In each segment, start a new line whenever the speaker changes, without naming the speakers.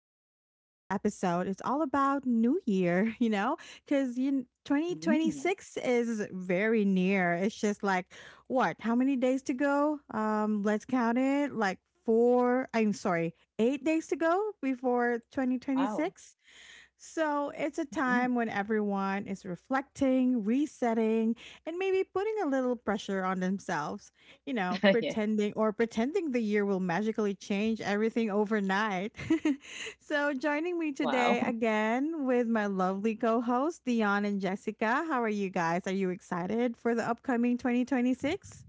And today's episode is all about New Year, because
Mm,
2026 is very near. It's just like, what, how many days to go? Let's count it like four, I'm sorry, 8 days to go before
wow.
2026. So it's a time
Mhm.
when everyone is reflecting, resetting, and maybe putting a little pressure on themselves. You know,
Yeah.
pretending or pretending the year will magically change everything overnight. So joining me today
Wow.
again with my lovely co-hosts Dion and Jessica. How are you guys? Are you excited for the upcoming 2026?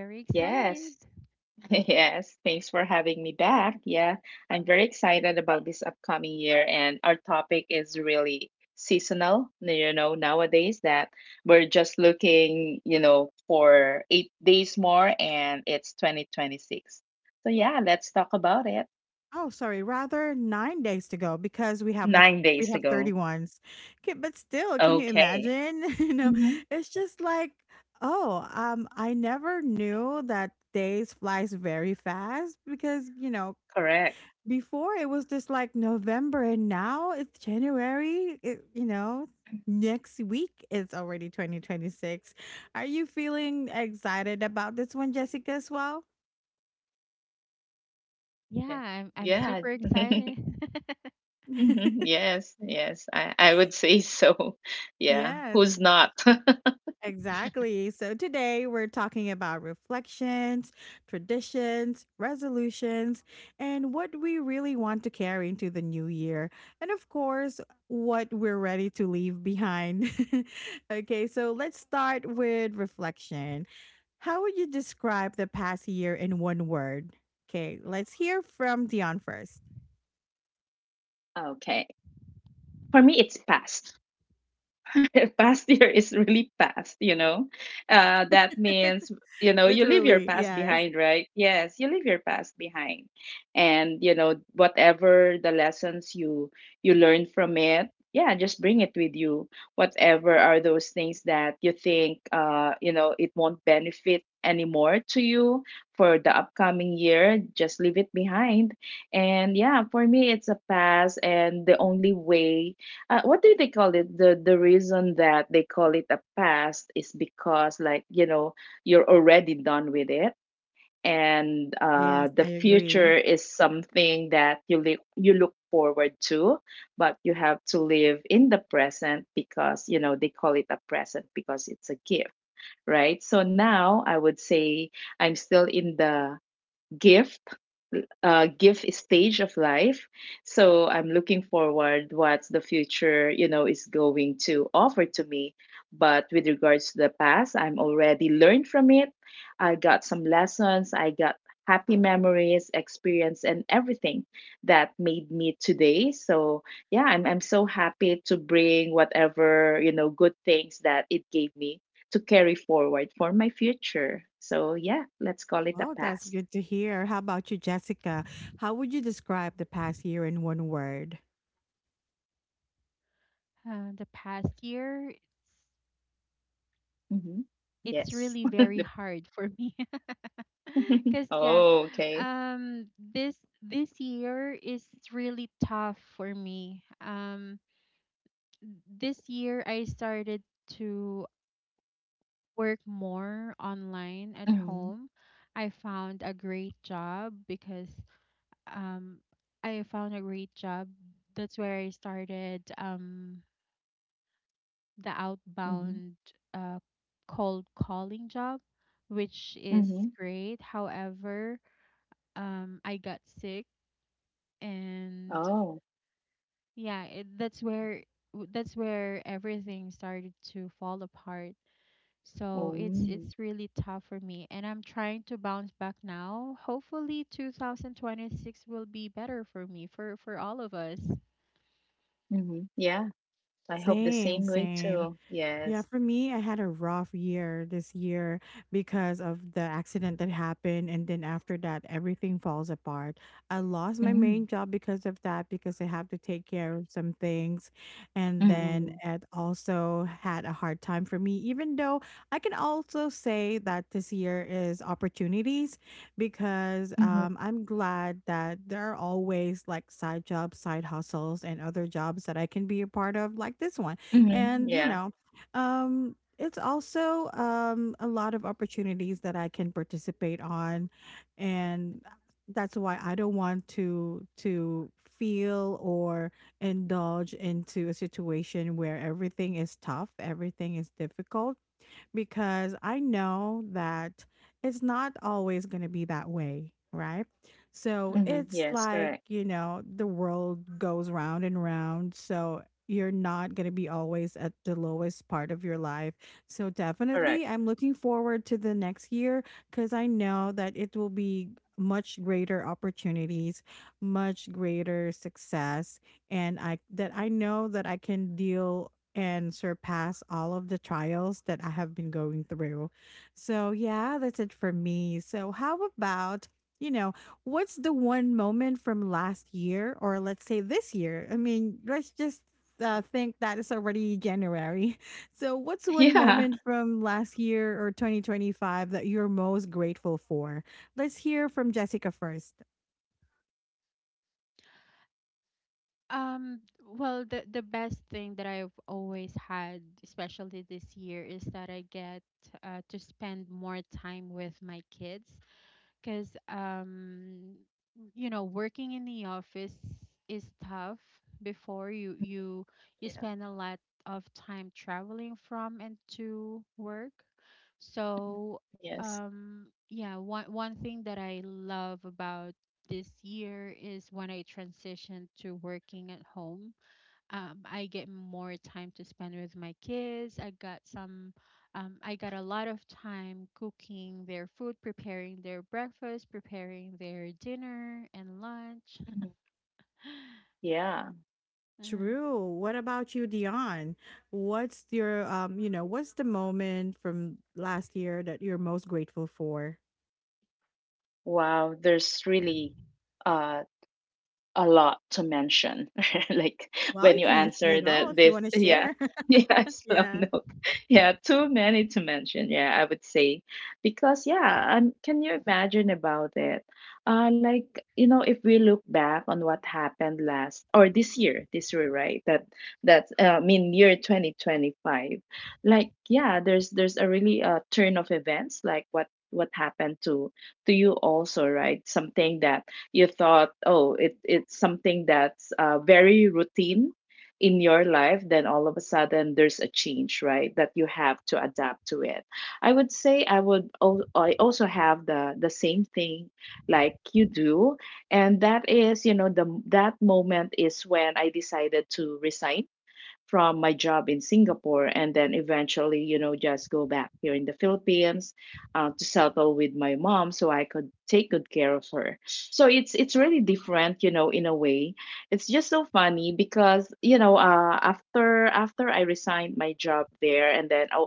Very
Yes.
excited.
Yes. Thanks for having me back. Yeah. I'm very excited about this upcoming year, and our topic is really seasonal. Nowadays that we're just looking, for 8 days more, and it's 2026. So, yeah, let's talk about it.
Oh, sorry, rather 9 days to go because we have the
Nine
we
days
have
ago.
31s. Okay, but still, can you
Okay.
imagine?
Hmm.
It's just like, oh, I never knew that days flies very fast because,
Correct.
before it was just like November and now it's January, next week is already 2026. Are you feeling excited about this one, Jessica, as well?
Yeah.
Yeah, I'm
Yeah.
I'm super excited.
Mhm. Yes, yes, I would say so. Yeah,
Yes.
who's not?
Exactly. So today we're talking about reflections, traditions, resolutions, and what we really want to carry into the new year. And of course, what we're ready to leave behind. Okay, so let's start with reflection. How would you describe the past year in one word? Okay, let's hear from Dion first.
Okay. For me, it's past. Past year is really past. That means, you leave your
Literally,
past
yes.
behind, right? Yes, you leave your past behind. And, whatever the lessons you learn from it, yeah, just bring it with you. Whatever are those things that you think, it won't benefit anymore to you for the upcoming year, just leave it behind. And yeah, for me it's a pass. And the only way— what do they call it? The reason that they call it a past is because, like, you're already done with it, and
Yes,
the
I agree.
future is something that you look forward to, but you have to live in the present because, they call it a present because it's a gift, right? So now I would say I'm still in the gift gift stage of life. So I'm looking forward what the future, is going to offer to me. But with regards to the past, I'm already learned from it. I got some lessons. I got happy memories, experience, and everything that made me today. So yeah, I'm so happy to bring whatever good things that it gave me to carry forward for my future. So yeah, let's call it a
Oh, that's
past.
good to hear. How about you, Jessica? How would you describe the past year in one word?
The past year, it's
Mhm.
it's
Yes.
really very hard for me, because yeah,
Oh, okay.
um, this this year is really tough for me. This year I started to work more online at
Mhm,
home. I found a great job because um, I found a great job. That's where I started. The
mhm,
outbound uh, cold calling job, which is
mhm.
great. However, I got sick, and
Oh.
yeah, that's where that's where everything started to fall apart.
Oh,
So it's
mm,
it's really tough for me, and I'm trying to bounce back now. Hopefully, 2026 will be better for me, for all of us.
mhm. Yeah, I hope the
Same,
same way
same.
too.
Yeah,
Yes.
for me, I had a rough year this year because of the accident that happened. And then after that, everything falls apart. I lost my main
Mhm,
job because of that, because I have to take care of some things. And then
mhm,
it also had a hard time for me, even though I can also say that this year is opportunities because
mhm,
I'm glad that there are always like side jobs, side hustles, and other jobs that I can be a part of, like this one.
mhm.
And, you
Yeah.
know, it's also a lot of opportunities that I can participate on, and that's why I don't want to feel or indulge into a situation where everything is tough, everything is difficult because I know that it's not always going to be that way, right? So
Mhm.
Mm-hmm.
it's
Yes,
like,
correct.
you know, the world goes round and round. So you're not going to be always at the lowest part of your life. So
Correct.
definitely, I'm looking forward to the next year because I know that it will be much greater opportunities, much greater success and I know that I can deal and surpass all of the trials that I have been going through. So, yeah, that's it for me. So, how about, you know, what's the one moment from last year or let's say this year? I mean, let's just think that it's already January. So, what's one moment from last year or 2025 that you're most grateful for? Let's hear from Jessica first.
Um, well, the best thing that I've always had, especially this year, is that I get to spend more time with my kids because you know, working in the office is tough before you you
Yeah. Yeah.
spend a lot of time traveling from and to work, so
Yes.
yeah, one thing that I love about this year is when I transitioned to working at home. I get more time to spend with my kids. I got some, I got a lot of time cooking their food, preparing their breakfast, preparing their dinner and lunch.
Mhm. Yeah.
Mm,
True. What about you, Dion? What's your what's the moment from last year that you're most grateful for?
Wow, there's really uh a lot to mention. Like
Well,
when
you
you
can mention
answer
it
the
all if you
this,
want to
yeah,
share.
yeah, slow
Yeah.
note. Yeah, too many to mention. Yeah, I would say, because yeah, can you imagine about it? Like, if we look back on what happened last or this year, right? That's I mean, year 2025. Like yeah, there's a really, turn of events, like what happened to you also, right? Something that you thought, oh, it's something that's, very routine in your life, then all of a sudden there's a change, right? That you have to adapt to it. I would say, I also have the same thing like you do, and that is, the that moment is when I decided to resign from my job in Singapore and then eventually, just go back here in the Philippines, to settle with my mom so I could take good care of her. So it's really different, in a way. It's just so funny because, after I resigned my job there, and then I,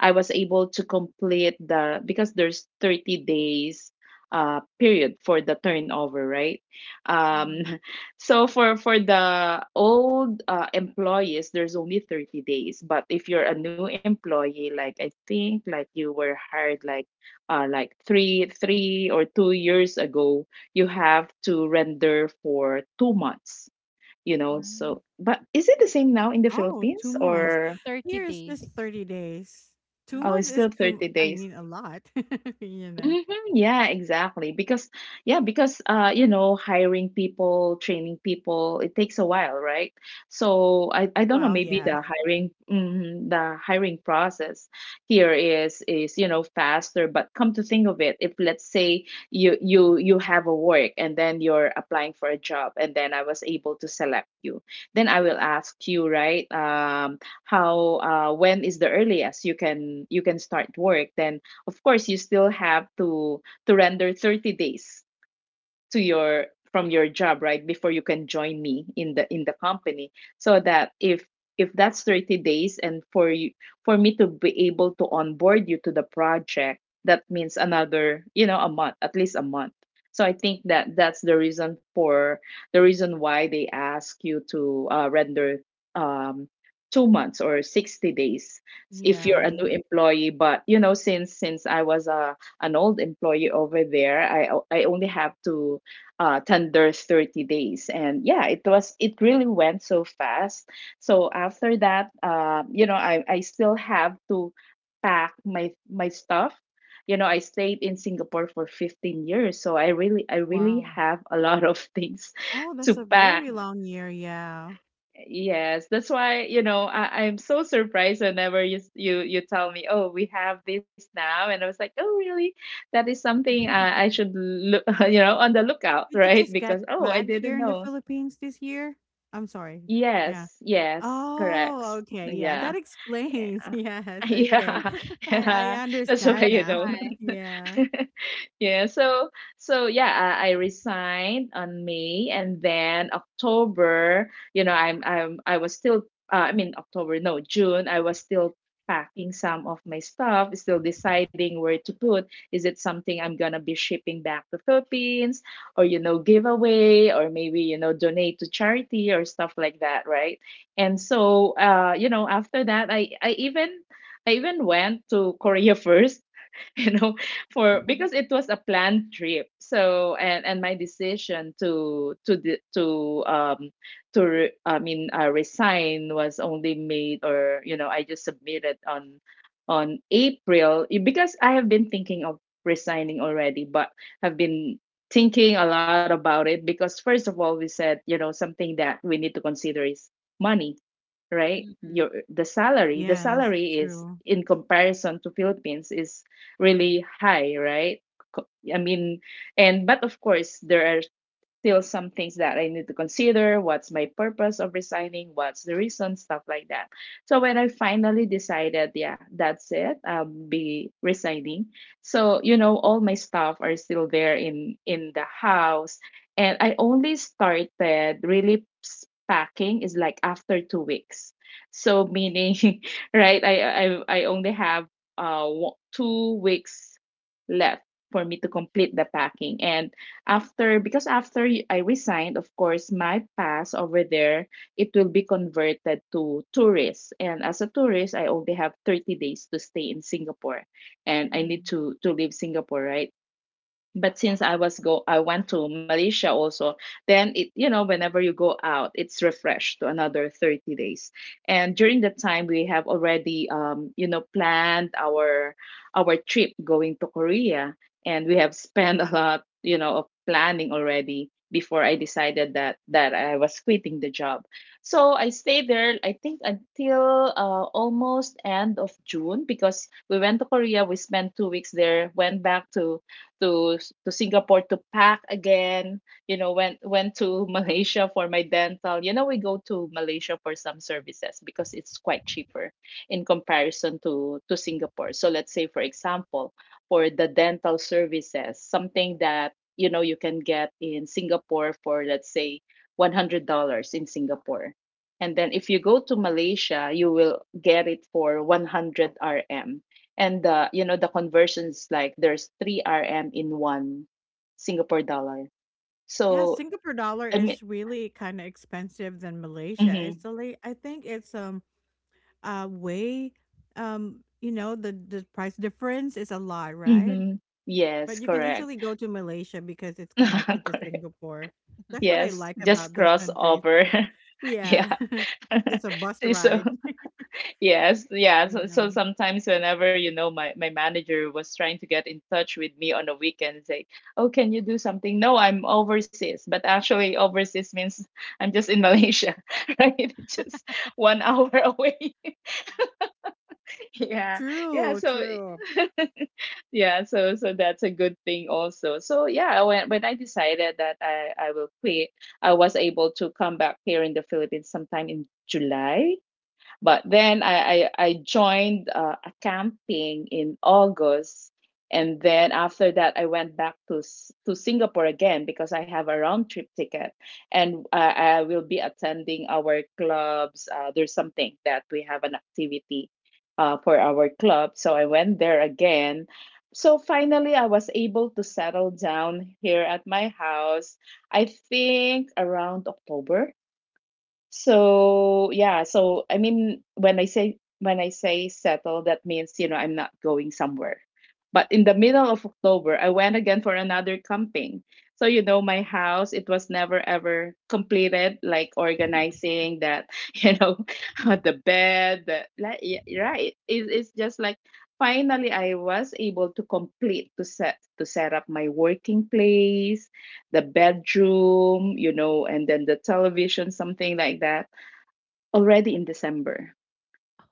I was able to complete the— because there's 30 days period for the turnover, right? Um
mm,
so for the old, employees, there's only 30 days. But if you're a new employee, like I think, like you were hired like, like 3 or 2 years ago, you have to render for two months.
mm.
So but is it the same now in the
Oh, two
Philippines,
months.
or—
30
Here is just
days.
30 days. Two
oh, it's
hmm
months is
still
two,
30
I
days?
mean, a lot, you know.
Hmm. Yeah, exactly. Because yeah, because, hiring people, training people, it takes a while, right? So I don't know,
Well,
maybe
yes.
the hiring process here is faster, but come to think of it, if let's say you have a work and then you're applying for a job and then I was able to select you, then I will ask you, right, how, when is the earliest you can start work? Then of course you still have to, render 30 days to, your job, right, before you can join me in the company. So that, if that's 30 days, and for me to be able to onboard you to the project, that means another, a month, at least a month. So I think that that's the reason, why they ask you to, render, um, 2 months or 60 days, if you're a
Yeah.
new employee. But since I was a an old employee over there, I only have to, tender 30 days, and yeah, it really went so fast. So after that, I still have to pack my stuff. I stayed in Singapore for 15 years, so I really
Wow.
have a lot of things
Oh,
to
that's a
pack.
very long year. Yeah.
Yes, that's why, I'm so surprised whenever you, s- you tell me, oh, we have this now. And I was like, oh, really? That is something, I should look, on the lookout,
Did you
right?
just get
Because, oh, I
back
didn't
here in the
know.
Philippines this year? I'm sorry. Yeah.
Yes, yes,
Oh,
correct.
okay, yeah, that
Yeah.
explains. Yes, okay.
Yeah,
I
yeah,
I
that's why
That's
understand
you
now.
know.
why.
Yeah.
Yeah, so yeah, I resigned on May, and then October, I was still, I mean October, no, June, I was still packing some of my stuff, still deciding where to put. Is it something I'm gonna be shipping back to Philippines, or give away, or maybe donate to charity or stuff like that, right? And so, after that I even went to Korea first, you know, for because it was a planned trip. So and my decision to I mean, resign, was only made, or I just submitted on, April, because I have been thinking of resigning already, but have been thinking a lot about it, because first of all, we said, something that we need to consider is money, right?
hmm
your the salary the
Yes,
salary is,
true.
in comparison to Philippines, is really high, right. Co- I mean, and but of course there are still some things that I need to consider. What's my purpose of resigning? What's the reason? Stuff like that. So when I finally decided, yeah, that's it, I'll be resigning. So all my stuff are still there in the house, and I only started really, packing is like after 2 weeks. So meaning, right? I only have, 2 weeks left for me to complete the packing. And after because, I resigned, of course my pass over there, it will be converted to tourist. And as a tourist, I only have 30 days to stay in Singapore, and I need
Mm.
to leave Singapore, right? But since, I was go I went to Malaysia also, then, it you know whenever you go out, it's refreshed to another 30 days. And during that time we have already, planned our trip going to Korea, and we have spent, a lot, of planning already before I decided that I was quitting the job. So I stayed there, I think, until, almost end of June. Because we went to Korea, we spent 2 weeks there, went back to Singapore to pack again. Went to Malaysia for my dental. We go to Malaysia for some services because it's quite cheaper in comparison to Singapore. So let's say, for example, for the dental services, something that you can get in Singapore for, let's say, $100 in Singapore. And then if you go to Malaysia, you will get it for 100 RM. And the you know the conversions, like, there's three RM in one Singapore dollar.
Yeah,
So—
Singapore
I
dollar
mean,
is really kinda expensive than Malaysia. It's
mm-hmm,
a li I think it's, uh, way, you know, the price difference is a lot, right?
mm-hmm,
But
yes,
you can
correct,
easily go to Malaysia because it's connected to
correct.
Singapore. That's what I
Yes,
like about
just
those countries.
crossover.
Yeah.
Yeah.
Just a bus
So
ride.
yes, yeah. So,
Yeah.
sometimes whenever, my manager was trying to get in touch with me on a weekend and say, "Oh, can you do something?" No, I'm overseas, but actually overseas means, I'm just in Malaysia, right? It's just 1 hour away. Yeah, yeah.
True,
So
true.
yeah, so that's a good thing also. So yeah, when I decided that I will quit, I was able to come back here in the Philippines sometime in July, but then I joined, a camping in August. And then after that, I went back to Singapore again because I have a round trip ticket, and I will be attending our clubs. There's something that we have an activity for our club, so I went there again. So finally, I was able to settle down here at my house. I think around October. So yeah, when I say settle, that means I'm not going somewhere. But in the middle of October, I went again for another camping. So you know, my house, it was never ever completed, like organizing that, you know, the bed, the like, yeah, right. It's just like finally I was able to complete to set up my working place, the bedroom, you know, and then the television, something like that, already in December.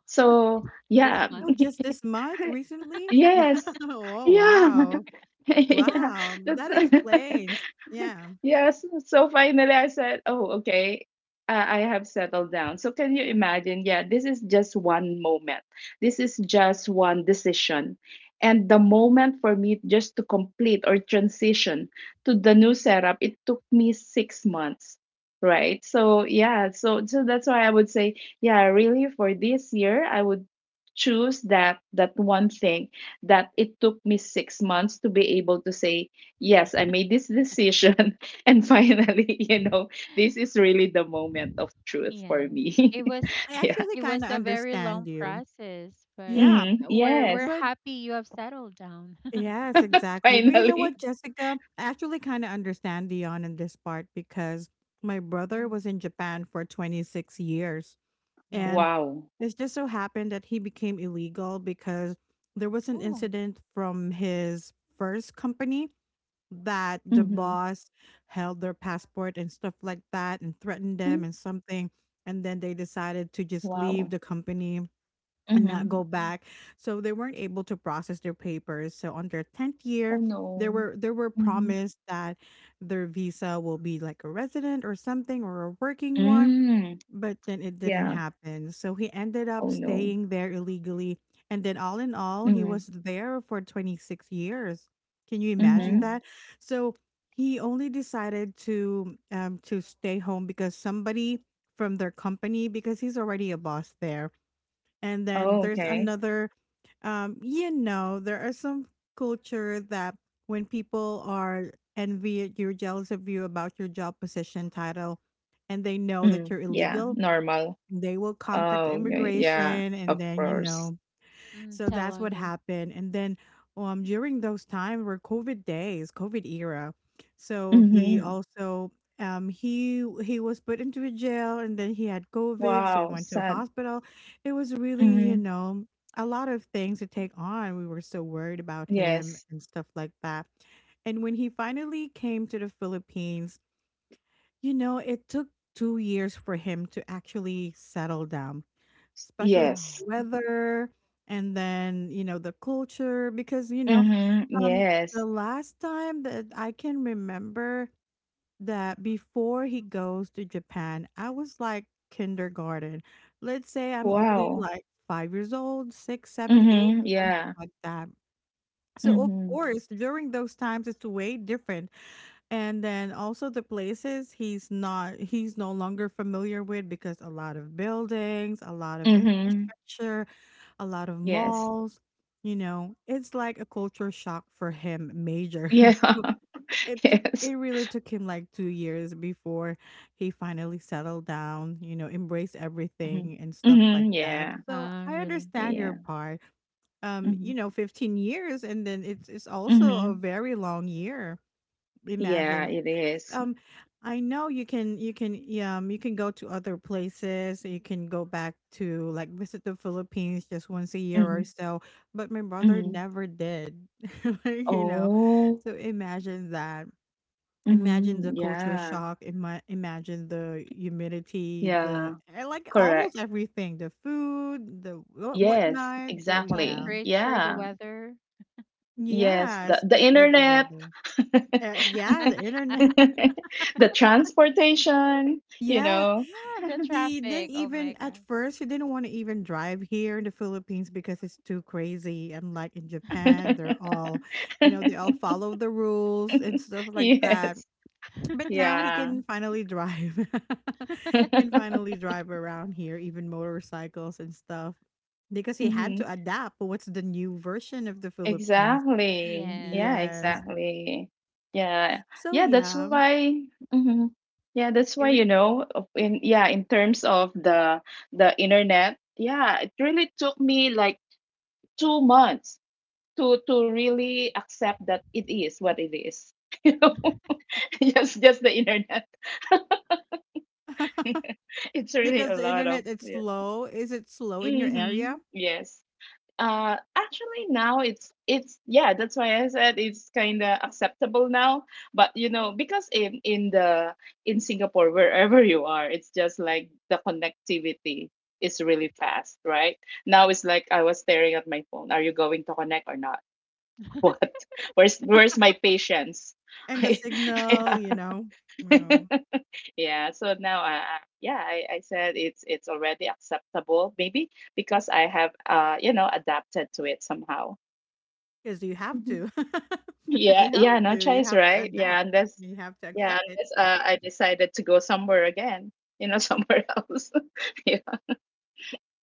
So,
This, this
yeah.
Oh,
month.
just this month, recently?
Yes.
Oh,
Yeah.
wow.
Yeah.
Wow,
That's
that explains. Yeah.
yes. So finally, I said, "Oh, okay. I have settled down." So can you imagine? Yeah, this is just one moment. This is just one decision, and the moment for me just to complete or transition to the new setup, it took me 6 months. Right. So yeah. So that's why I would say, yeah, really for this year, I would choose that one thing, that it took me 6 months to be able to say yes, I made this decision. And finally, you know, this is really the moment of truth
Yeah.
for me.
It was
I
Yeah.
actually
it
kinda
was a very
understand
long
you.
process, but
Yeah,
we're
Yes,
but
happy you have settled down.
Yes, exactly. But you know what,
finally.
Jessica? I actually kinda understand Dion in this part because my brother
Mm.
was in Japan for 26 years,
Wow.
and
Wow.
it just so happened that he became illegal because there was an
Oh.
incident from his first company, that the
Mm-hmm.
boss held their passport and stuff like that and threatened
Mm-hmm.
them and something, and then they decided to just
Wow.
leave the company and not
Mm-hmm.
go
Mm.
back, so they weren't able to process their papers. So on their 10th
Oh,
year, they
no.
were, they were
Mm-hmm.
promised that their visa will be like a resident or something or a working one,
Mm.
but then it didn't
Yeah.
happen. So he ended up
Oh, no.
staying there illegally. And then, all in all, he
Mm.
was there for 26 years. Can you imagine
Mm-hmm.
Oh.
that? So he only decided to stay home because somebody from their company, because he's already a boss there. And then
Oh,
there's
okay.
another, you know, there are some culture that when people are envy, you're jealous of you about your job position title, and they know that
Mm.
you're
Yeah.
illegal,
Normal.
they will contact
Oh, okay. Yeah.
immigration,
Of
and then you
course.
know.
Mm,
So
tell
that's what
on you.
happened, and then during those time were COVID days, COVID era. So he
Mm-hmm.
Oh,
also, he was put into a jail, and then he had COVID, so he
Wow.
went to a
Sad.
hospital. It was really,
Mm-hmm.
you know, a lot of things to take on. We were so worried about
Yes.
him and stuff like that. And when he finally came to the Philippines, you know, it took 2 years for him to actually settle down, especially
Yes.
wow.
weather, and then you know the culture because you know,
Mhm,
um
yes.
the last time that I can remember that before he goes to Japan, I was like kindergarten. Let's say I'm only
Wow.
like 5 years old, 6, 7, 8
Mhm,
something
yeah.
like that. So of
Mhm.
course during those times it's way different. And then also the places, he's not, he's no longer familiar with because a lot of buildings, a lot of
Mhm.
infrastructure, a lot of
Yes.
malls. You know, it's like a culture shock for him, major.
Yeah.
So
Yes.
it really took him like 2 years before he finally settled down. You know, embraced
Mhm.
everything and stuff like
Mhm,
that.
yeah.
So
Ah,
I
really?
understand your
Yeah.
part. You
Mhm.
know, 15 years, and then it's also a
Mhm.
very long year.
Yeah,
Imagine
it is.
um I know you can, you can, yeah, you can go to other places. You can go back to like visit the Philippines just once a year
Mhm.
or so, but my brother
Mhm.
never did. Like, you know.
Oh.
So imagine that. Imagine the
Mhm.
culture
Yeah.
shock. Imagine the humidity, the
Yeah.
and, like
Correct.
almost everything, the food, the what
Yes,
whatnot.
The
So yeah.
exactly.
temperature, the
Yeah.
weather.
Yes,
Yeah,
the
especially the
internet.
weather. Yeah, the internet.
The transportation, you
Yes.
know.
Ah, the
He didn't
traffic. Oh
even,
my
at
God.
first he didn't want to even drive here in the Philippines because it's too crazy. Unlike in Japan, they're all, you know, they all follow the rules and stuff like that.
Yes.
But now he
Yeah.
can finally drive. Can finally drive around here, even motorcycles and stuff. Because he had
Mhm.
to
Mm,
adapt what's the new version of the Philippines.
Exactly.
yeah.
Yeah,
Yes.
exactly. Yeah.
So
Yeah, that's
yeah.
why. Mhm. Yeah, that's why,
It re-
you know of- in yeah, in terms of the internet, yeah, it really took me like 2 months to really accept that it is what it is. You know, just the internet. It's really
Because
a
the
lot of
internet is
yeah.
slow. Is it slow in your
Mm-hmm.
area?
Yes. Actually, now it's yeah. That's why I said it's kind of acceptable now. But you know, because in Singapore, wherever you are, it's just like the connectivity is really fast, right? Now it's like I was staring at my phone. Are you going to connect or not? What? Where's my patience?
And the signal,
Yeah.
you know, you,
Yeah. So now, I yeah, I said it's already acceptable maybe because I have you know adapted to it somehow.
because you have
Mhm.
to,
Yeah, yeah, no
you
choice,
have to
right?
adapt, you have to
Yeah,
accept it.
unless I decided to go somewhere again, you know, somewhere else. Yeah.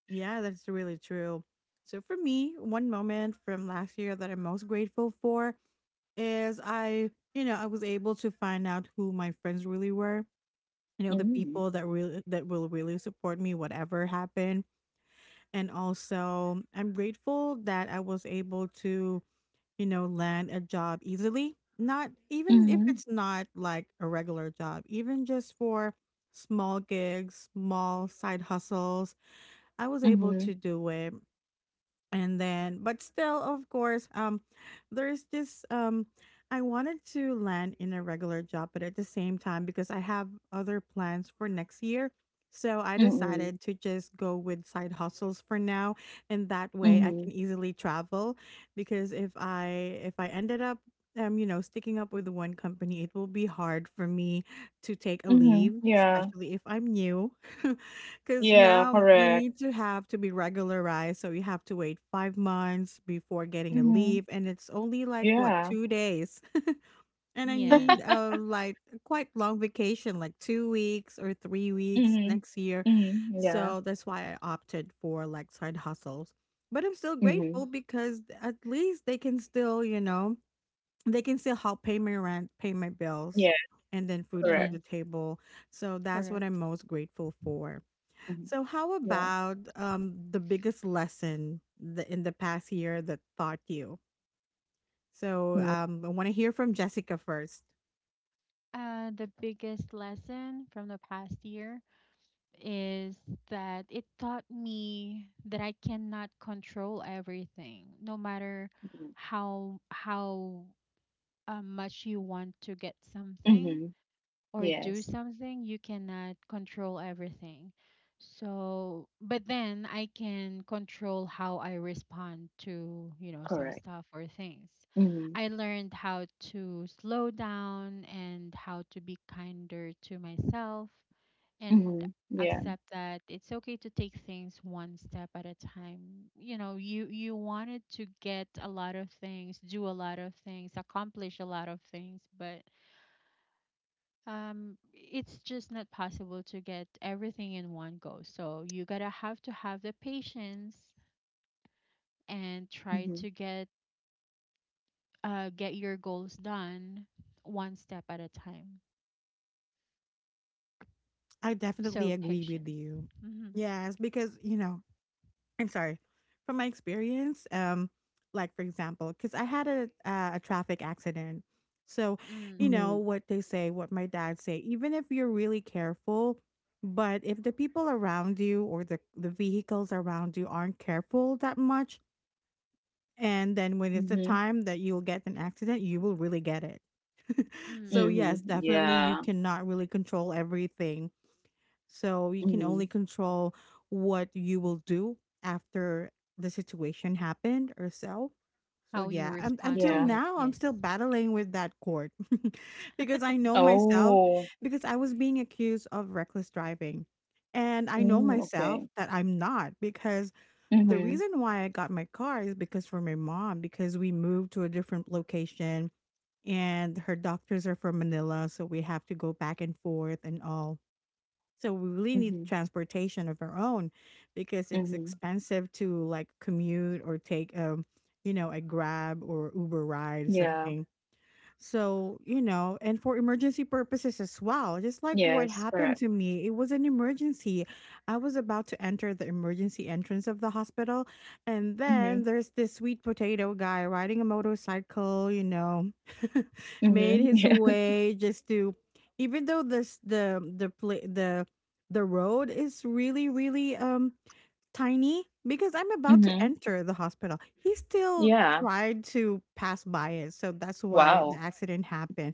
Yeah, that's really true. So for me, one moment from last year that I'm most grateful for is I, you know, I was able to find out who my friends really were. You know, the
Mm.
people that really, that will really support me, whatever happened. And also, I'm grateful that I was able to, you know, land a job easily. Not even if
Mm-hmm.
it's not like a regular job, even just for small gigs, small side hustles, I was able
Mm-hmm.
to do it. And then, but still of course there's this I wanted to land in a regular job, but at the same time, because I have other plans for next year, so I
Mm-hmm.
decided to just go with side hustles for now. And that way I
Mm-hmm.
can easily travel because if I ended up you know, sticking up with one company, it will be hard for me to take a
Mm-hmm.
leave,
Yeah.
especially if I'm new. Because
Yeah,
now you
correct.
need to have to be regularized. So you have to wait 5 months before getting a
Mm-hmm.
leave. And it's only like, what,
Yeah.
2 days? And I need
Yes.
a, like a quite long vacation, like 2 weeks or 3 weeks
Mm-hmm.
next year.
Mm-hmm. Yeah.
So that's why I opted for like side hustles. But I'm still
Mm-hmm.
grateful because at least they can still, you know, they can still help pay my rent, pay my bills,
Yeah,
and then food from
correct.
the
Yes.
table. So that's what I'm
Correct.
most grateful for.
Mm-hmm.
So how
Yeah.
about the biggest lesson in the past year that taught you? So
Mm-hmm.
I want to hear from Jessica first.
The biggest lesson from the past year is that it taught me that I cannot control everything, no matter how much you want to get something
Mm-hmm.
or do
Yes,
something. You cannot control everything. So, but then I can control how I respond to, you know, some
correct.
stuff or things.
Mm-hmm.
I learned how to slow down and how to be kinder to myself and
Mm-hmm. Yeah.
accept that it's okay to take things one step at a time. You know, you wanted to get a lot of things, do a lot of things, accomplish a lot of things, but it's just not possible to get everything in one go, so you gotta have to have the patience and try
Mm-hmm.
to get your goals done one step at a time.
I definitely
So
agree with
patience.
you.
Mm-hmm.
Yes, because I'm sorry. From my experience, like for example, because I had a a traffic accident, so you
Mm,
Mm-hmm.
know what they say, what my dad say. Even if you're really careful, but if the people around you or the vehicles around you aren't careful that much, and then when it's the
Mm-hmm.
time that you'll get an accident, you will really get it. So
mm.
Mm-hmm.
yes, definitely you
Yeah.
cannot really control everything, so you can only
Mhm.
control what you will do after the situation happened or so. So
How you
yeah,
respond
until
to
Yeah.
it,
now I'm
yes.
still battling with that court because I know myself,
Oh.
because I was being accused of reckless driving. And I know
Mm,
myself
okay.
that I'm not, because the
Mhm.
reason why I got my car is because for my mom, because we moved to a different location and her doctors are from Manila, so we have to go back and forth and all. So we really need
Mhm.
transportation of our own because it's
Mhm.
expensive to like commute or take you know, a Grab or Uber ride or
Yeah.
something, so, you know, and for emergency purposes as well, just like what
Yes,
happened
correct.
to me, it was an emergency. I was about to enter the emergency entrance of the hospital, and then
Mhm.
there's this sweet potato guy riding a motorcycle, you know, made
Mhm.
his
Yeah.
way just to even though this the pla the road is really really tiny because I'm about to
Mhm.
enter the hospital. He still
Yeah.
tried to pass by it. So that's why the
Wow.
accident happened.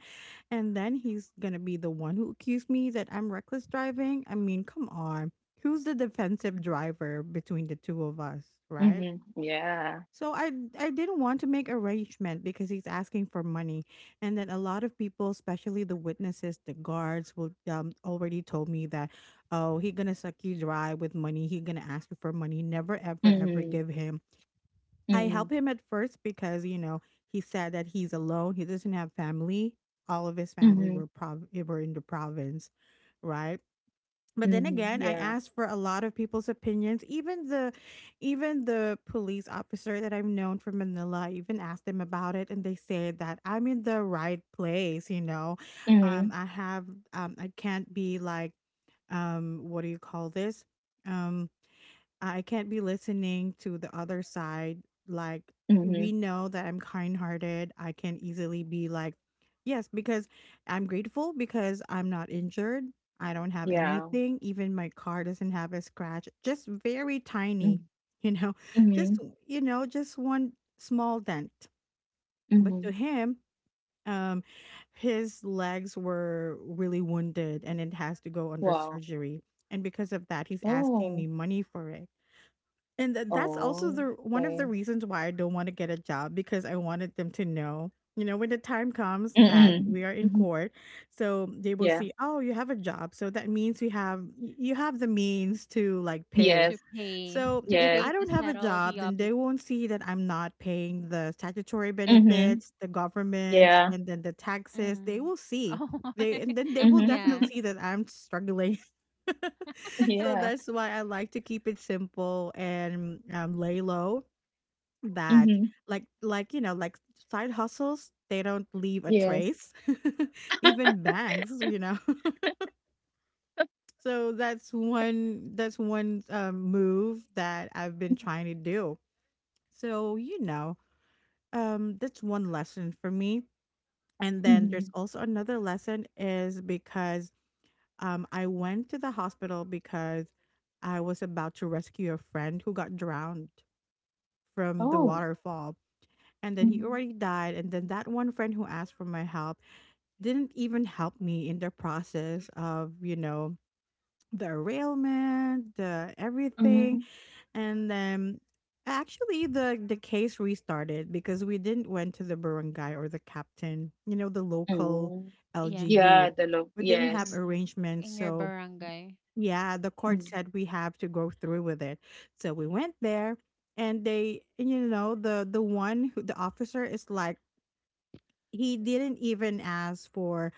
And then he's going to be the one who accused me that I'm reckless driving. I mean, come on. Who's the defensive driver between the two of us, right?
Mhm. Yeah.
So I didn't want to make arrangement because he's asking for money, and then a lot of people, especially the witnesses, the guards will already told me that, oh, he gonna suck you dry with money, he gonna ask you for money, never ever ever
Mhm.
give him. I
Mhm.
help him at first because, you know, he said that he's alone. He doesn't have family. All of his family
Mhm.
were were in the province, right? But then
Mhm.
again, I
Yeah.
asked for a lot of people's opinions. Even the police officer that I've known from Manila, I even asked them about it and they said that I'm in the right place, you know. Um
Mhm.
I have I can't be like what do you call this? Um, I can't be listening to the other side. Like,
Mhm.
we know that I'm kind hearted. I can easily be like, yes, because I'm grateful because I'm not injured. I don't have
Yeah.
anything. Even my car doesn't have a scratch, just very tiny,
Mhm.
you know, just,
Mhm.
you know, just one small dent. But
Mhm.
to him, um, his legs were really wounded and it has to go under
Wow.
surgery. And because of that, he's asking
Oh.
me money for it. And that's also
Oh.
the one of
Okay.
the reasons why I don't wanna get a job, because I wanted them to know, you know, when the time comes that
Mhm.
we are in
Mhm.
court, so they will
Yeah.
see, "Oh, you have a job, so that means you have the means to, like,
To
pay,"
Yes.
pay
so
to
if
pay
I
Yes.
to
don't have a
settle the
job, then
oblig.
they won't see that I'm not paying the statutory
Mhm.
benefits, the government,
Yeah.
and then the taxes. They
Mm.
will see.
Oh.
They and then they will
Mhm.
Yeah,
definitely see that I'm struggling. So
Yeah.
that's why I like to keep it simple and lay low. That
Mhm.
like you know like side hustles, they don't leave a
Yes.
trace. Even banks, you know. So that's one move that I've been
Mhm,
trying to do, so, you know, that's one lesson for me. And then there's
mhm.
also another lesson is because I went to the hospital because I was about to rescue a friend who got drowned from the
Oh.
waterfall. And then he
Mhm,
already died. And then that one friend who asked for my help didn't even help me in the process of, you know, the arraignment, the everything.
mhm,
And actually the case restarted because we didn't went to the barangay or the captain, you know, the local
mm.
yeah, the
LGU.
Yeah, the look.
We didn't have
Yes.
mm.
arrangements,
In your
so
barangay.
yeah, the court
Mm,
said we have to go through with it, so we went there. And they, and you know, the one who the officer is like, he didn't even ask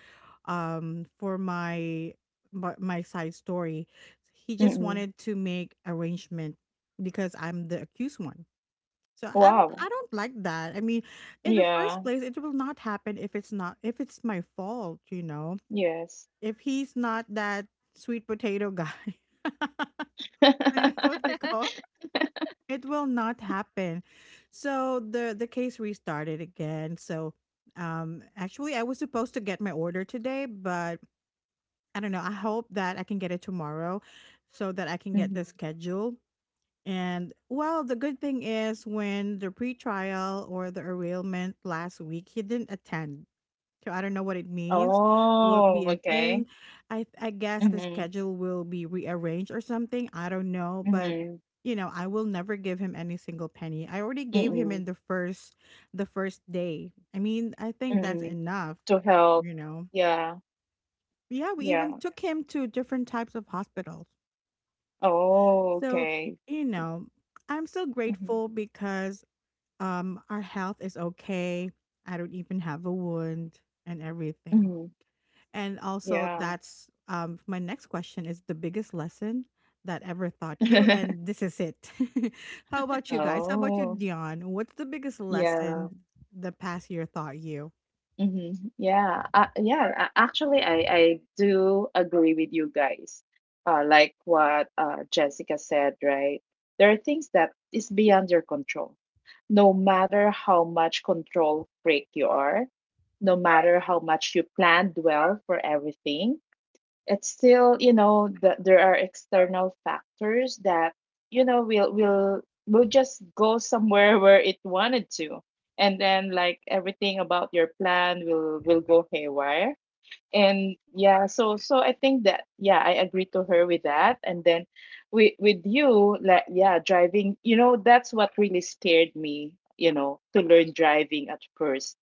for my side story. He just
mm-mm.
wanted to make arrangement because I'm the accused one, so I
Wow.
don't like that. I mean, in the first
Yeah.
place it will not happen if it's not if it's my fault, you know,
Yes.
if he's not that sweet potato guy you know what we call, it will not happen. So the case restarted again. So actually I was supposed to get my order today, but I don't know. I hope that I can get it tomorrow so that I can
Mhm.
get the schedule. And well, the good thing is when the pretrial or the arraignment last week, he didn't attend. So I don't know what it means. Will it
Oh,
be a
okay.
thing? I guess the
Mhm,
schedule will be rearranged or something. I don't know, but
mhm,
you know, I will never give him any single penny. I already gave him
mm-mm,
in the first day. I mean, I think that's
mm-mm.
enough,
To help.
you know.
Yeah.
Yeah, we even
Yeah.
took him to different types of hospitals.
Oh,
So,
okay.
you know, I'm still
Mhm,
grateful because our health is okay. I don't even have a wound and everything.
mhm.
And also,
Yeah.
that's my next question is the biggest lesson that ever taught you, and this is it. How about you guys? How about you,
Oh,
Dion? What's the biggest
yeah.
lesson the past year taught you?
hmm Yeah, Actually, I do agree with you guys. Like what Jessica said, right? There are things that is beyond your control. No matter how much control freak you are, no matter how much you planned well for everything, it's still you know that there are external factors that you know will just go somewhere where it wanted to, and then like everything about your plan will go haywire. And yeah, so I think that, yeah, I agree to her with that. And then with you, like, yeah, driving, you know, that's what really scared me, you know, to learn driving at first,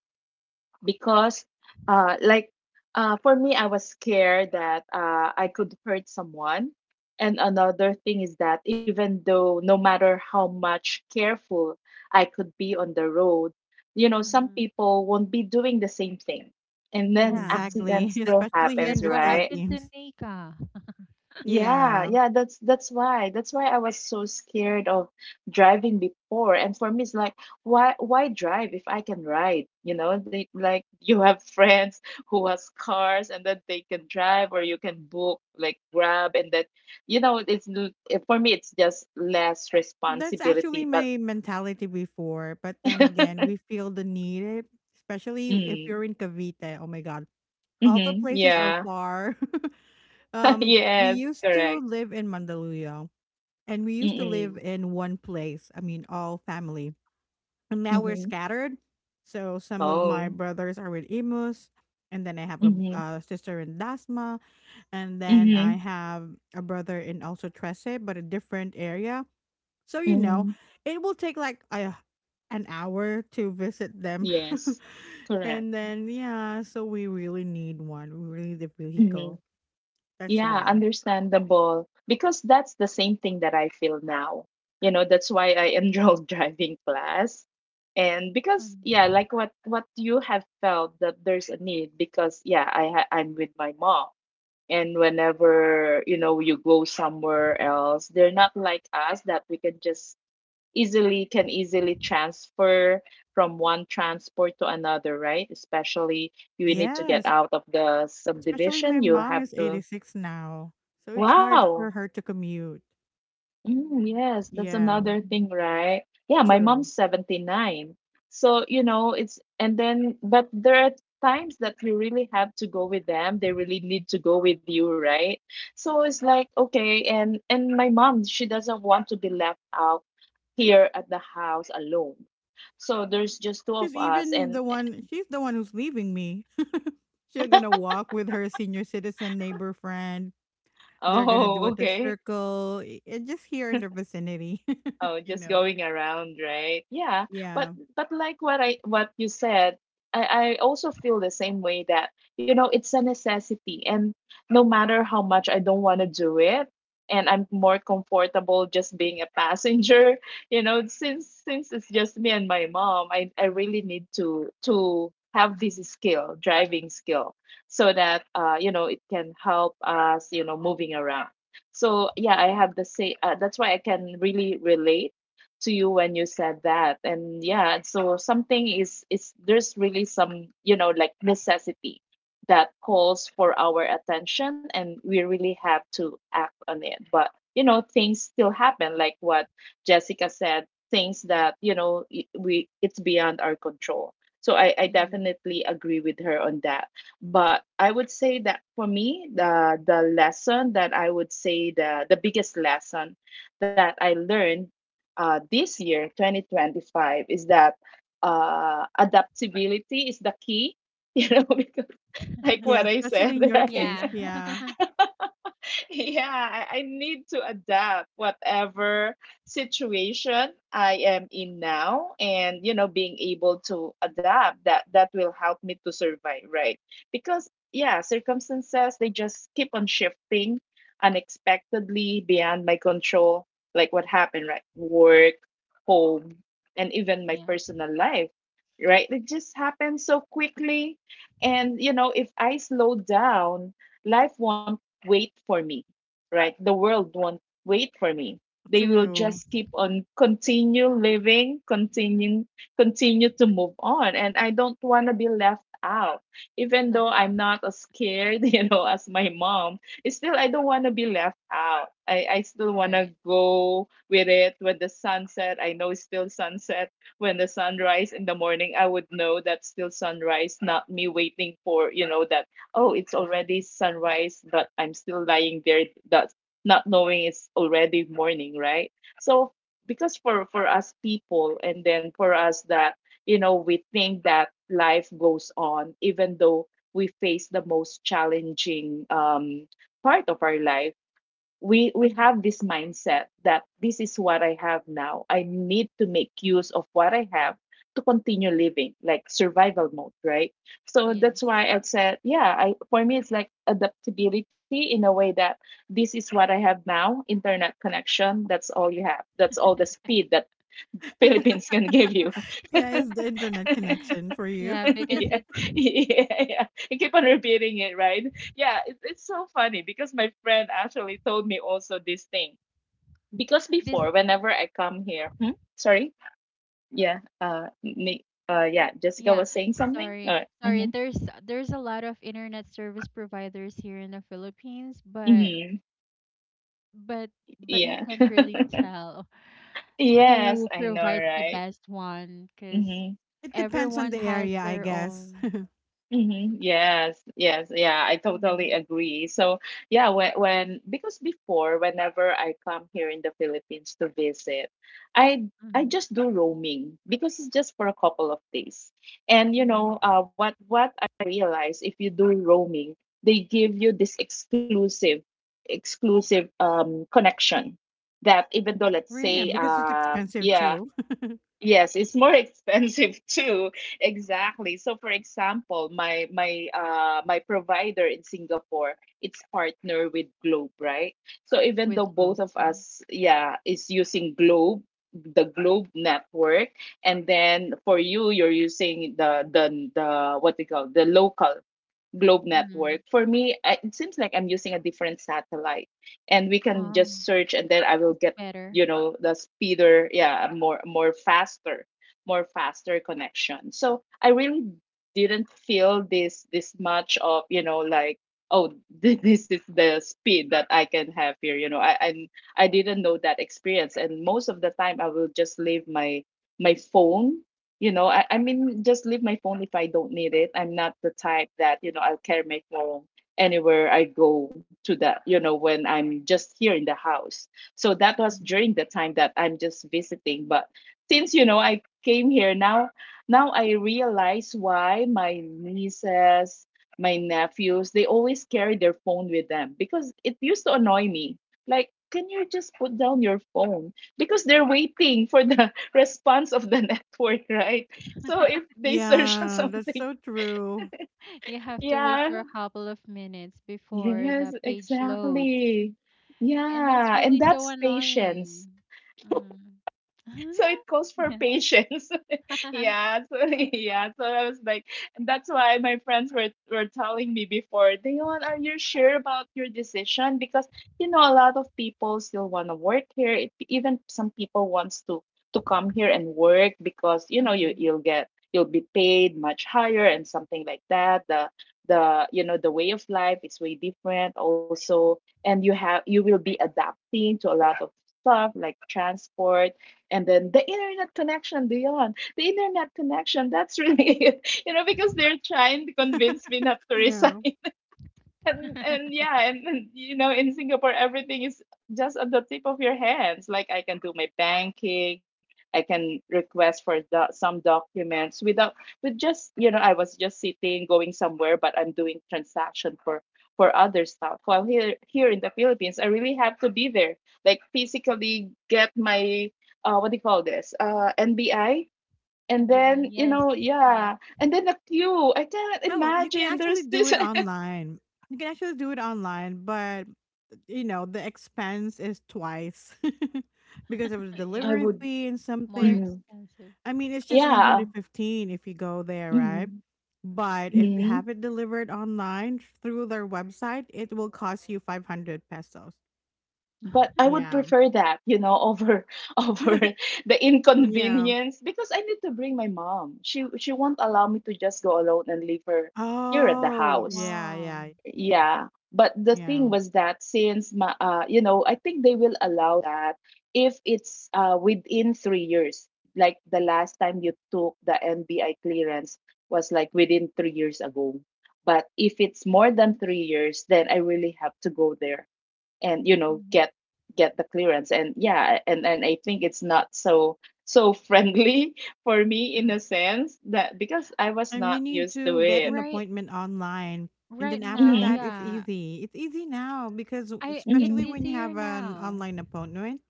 because uh like for me I was scared that I could hurt someone. And another thing is that even though no matter how much careful I could be on the road, you know, some
Mm-hmm.
people won't be doing the same thing, and then
Yeah.
Exactly,
accidents still
especially here in
happens,
That's
the
what
right?
happened to
Philippines.
Nika.
Yeah,
Yeah,
yeah, that's why. That's why I was so scared of driving before. And for me, it's like, why drive if I can ride? You know, they like you have friends who has cars and then they can drive, or you can book like Grab and that, you know, for me it's just less
that's actually
responsibility, but
my mentality before, but then again, we feel the need, especially if
mm,
you're in Cavite. Oh my God, all the
mm-hmm,
places are
yeah.
far. We
Yes,
used to
correct.
live in Mandaluyong, and we used to live
Mm-mm,
in one place. I mean, all family. And now we're
mm-hmm.
scattered. So some of my
Oh.
brothers are with Imus, and then I have a
Mm-hmm.
uh, sister in Dasma, and then I
Mm-hmm.
have a brother in also Trese, but a different area. So you know,
Mm-hmm.
it will take like a an hour to visit them.
Yes, correct.
And then yeah, so we really need one. We really need a
hmm
vehicle. That's
Yeah,
why.
understandable. Because that's the same thing that I feel now. You know, that's why I enrolled driving class. And because, yeah,
Mm.
like what you have felt that there's a need because, yeah, I'm with my mom. And whenever, you know, you go somewhere else, they're not like us that we can just easily can easily transfer from one transport to another, right? Especially you need to get
Yes.
out of the
Actually, my
subdivision, you
mom
have
is
to.
86 now, so it's hard
Wow.
for her to commute.
Mm,
Mm-hmm.
yes, that's
Yeah,
another thing, right? Yeah, my
true.
mom's 79. So, you know, it's, and then, but there are times that you really have to go with them. They really need to go with you, right? So it's like, okay, and my mom, she doesn't want to be left out here at the house alone. So there's just two of
She's
us
even
and
the one, she's the one who's leaving me. She's gonna walk with her senior citizen neighbor friend. They're gonna
oh,
do it the
okay.
circle, and just here in the vicinity,
Oh,
you
just
know.
going around, right? Yeah. But
Yeah.
but like what I what you said, I also feel the same way that, you know, it's a necessity. And no matter how much I don't want to do it, and I'm more comfortable just being a passenger, you know, since it's just me and my mom, I really need to have this skill, driving skill, so that you know, it can help us, you know, moving around. So yeah, I have the same. That's why I can really relate to you when you said that. And yeah, so something is there's really some you know like necessity that calls for our attention, and we really have to act on it. But you know, things still happen, like what Jessica said. Things that we it's beyond our control. So I
Mm-hmm.
definitely agree with her on that. But I would say that for me, the lesson that I would say the biggest lesson that I learned this year, 2025, is that adaptability is the key. You know, because like
Yeah,
what I said,
especially in your
right?
case.
Yeah.
Yeah,
Yeah, I need to adapt whatever situation I am in now, and you know being able to adapt, that that will help me to survive, right? Because yeah, circumstances, they just keep on shifting unexpectedly beyond my control, like what happened, right? Work, home, and even my
Yeah.
personal life, right? It just happens so quickly and you know, if I slow down, life won't wait for me, right? The world won't wait for me. They will
Yes.
true.
just keep on continue living, continue to move on. And I don't want to be left out. Even though
Left.
I'm not as scared, you know, as my mom, it's still I don't want to be left out. I still want to
Right.
go with it when the sunset. I know it's still sunset. When the sunrise in the morning, I would know that's still sunrise, not me waiting for, you know, that oh, it's already sunrise, but I'm still lying there, that's not knowing it's already morning, right? So because for us people, and then for us that you know we think that life goes on, even though we face the most challenging part of our life, we
Mhm.
have this mindset that this is what I have now. I need to make use of what I have to continue living, like survival mode, right? So that's
Yes.
why I said, yeah, I, for me it's like adaptability in a way that this is what I have now, internet connection, that's all you have. That's all the speed that Philippines can give you.
Yeah, it's the internet connection for you.
Yeah, because
Yeah,
it's
yeah, yeah. You keep on repeating it, right? Yeah, it, it's so funny because my friend actually told me also this thing because
this
before whenever I come here, hmm? Sorry, yeah, Nick, yeah, Jessica
yeah,
was saying something.
sorry. Sorry.
Mm-hmm,
There's a lot of internet service providers here in the Philippines, but
mm-hmm,
but but you
yeah,
can't really tell
yes,
who
I know,
provides the
right?
best one, cuz
Mm-hmm.
It depends on
everyone
the
has
area, I
their
guess.
own.
Yes, yes, yeah, I totally
Mm-hmm.
agree. So, yeah, when because before, whenever I come here in the Philippines to visit, I just do roaming because it's just for a couple of days. And you
Mm.
know, what I realized if you do roaming, they give you this exclusive connection that even though let's
Really?
Yeah,
say
because it's expensive too.
Yes, it's more expensive too. Exactly. So for example, my provider in Singapore, it's partner with Globe, right? So even
With
though
globe.
both of
Mm-hmm.
us, yeah, is using Globe, the Globe network, and then for you, you're using the what they call the local Globe
Mm-hmm.
Network. For me, it seems like I'm using a different satellite, and we can
Oh,
just search, and then I will
it's
get,
better.
the speeder, yeah, a more faster, more faster connection. So I really didn't feel this much of, you know, like oh, this is the speed that I can have here. I didn't know that experience, and most of the time I will just leave my my phone just leave my phone if I don't need it. I'm not the type that, you know, I'll carry my phone anywhere I go to. That, you know, when I'm just here in the house. So that was
Hmm.
during the time that I'm just visiting. But since, you know, I came here now, now I realize why my nieces, my nephews, they always carry their phone with them, because it used to annoy me like, can you just put down your phone? Because they're waiting for the response of the network, right? So if they search on
Yeah, that's
something,
so true.
You have to wait
yeah,
for a couple of minutes before
yes,
the page loads.
exactly.
And that's
Yeah, and
really so
that's
annoying.
patience.
Mm.
So it calls for
Yeah.
patience. Yeah, so yeah, so I was like, and that's why my friends were telling me before, Dayon, are you sure about your decision? Because, you know, a lot of people still want to work here. It, even some people wants to come here and work, because you know you
Mm.
you'll get, you'll be paid much higher and something like that. The, you know, the way of life is way different also, and you have, you will be adapting to a lot of stuff like transport, and then the internet connection, beyond the internet connection that's really it, you know, because they're trying to convince me not to resign.
Yeah.
And yeah, and you know, in Singapore everything is just at the tip of your hands. Like I can do my banking, I can request for some documents without, with just, you know, I was just sitting going somewhere, but I'm doing transaction for other stuff. While here, here in the Philippines, I really have to be there, like physically get my what do you call this NBI, and
In the
then,
end,
you
yes,
know,
yes,
yeah, and then the queue, I can't
Oh, you can
imagine
actually
there's
do
this
it online. You can actually do it online, but you know, the expense is twice because of the
I
it's
delivery
would
fee and
more
something.
mm-hmm.
expensive.
I mean, it's just
Yeah.
115 if you go there, right?
Mhm.
But if you
Mhm.
have it delivered online through their website, it will cost you 500 pesos.
But I would
Yeah.
prefer that, you know, over over the
Yeah.
inconvenience, because I need to bring my mom. She won't allow me to just go alone and leave her here at the
Oh,
house.
yeah,
Wow.
yeah,
Yeah, but the
yeah.
thing was that since you know, I think they will allow that if it's within 3 years. Like the last time you took the NBI clearance was like within 3 years ago. But if it's more than 3 years, then I really have to go there and, you know,
Mhm.
get the clearance. And yeah, and I think it's not so so friendly for me, in a sense that because I was
You
not
need
used to
to get an
it.
Right,
appointment online. And
right
then after
now,
that,
Mm-hmm.
it's
yeah.
easy. It's easy now because,
I it's
especially
Mm-hmm.
when you
easier
have an
now.
online appointment,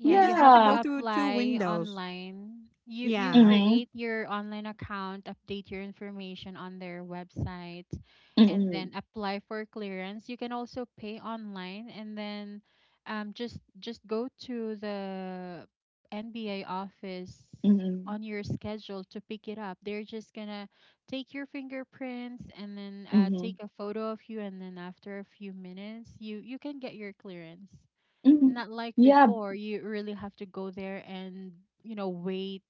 Yeah,
you
you
just have
have
to go
Yeah.
to
through two
apply
windows.
online. You
Yeah.
Mhm,
create your online account, update your information on their website,
mm,
and then
mm,
apply for clearance. You can also pay online, and then just go to the NBA office
mm,
on your schedule to pick it up. They're just gonna take your fingerprints and then take
mhm.
a photo of you, and then after a few minutes, you can get your clearance.
Hmm,
Not like
yeah,
before, you really have to go there and, you know, wait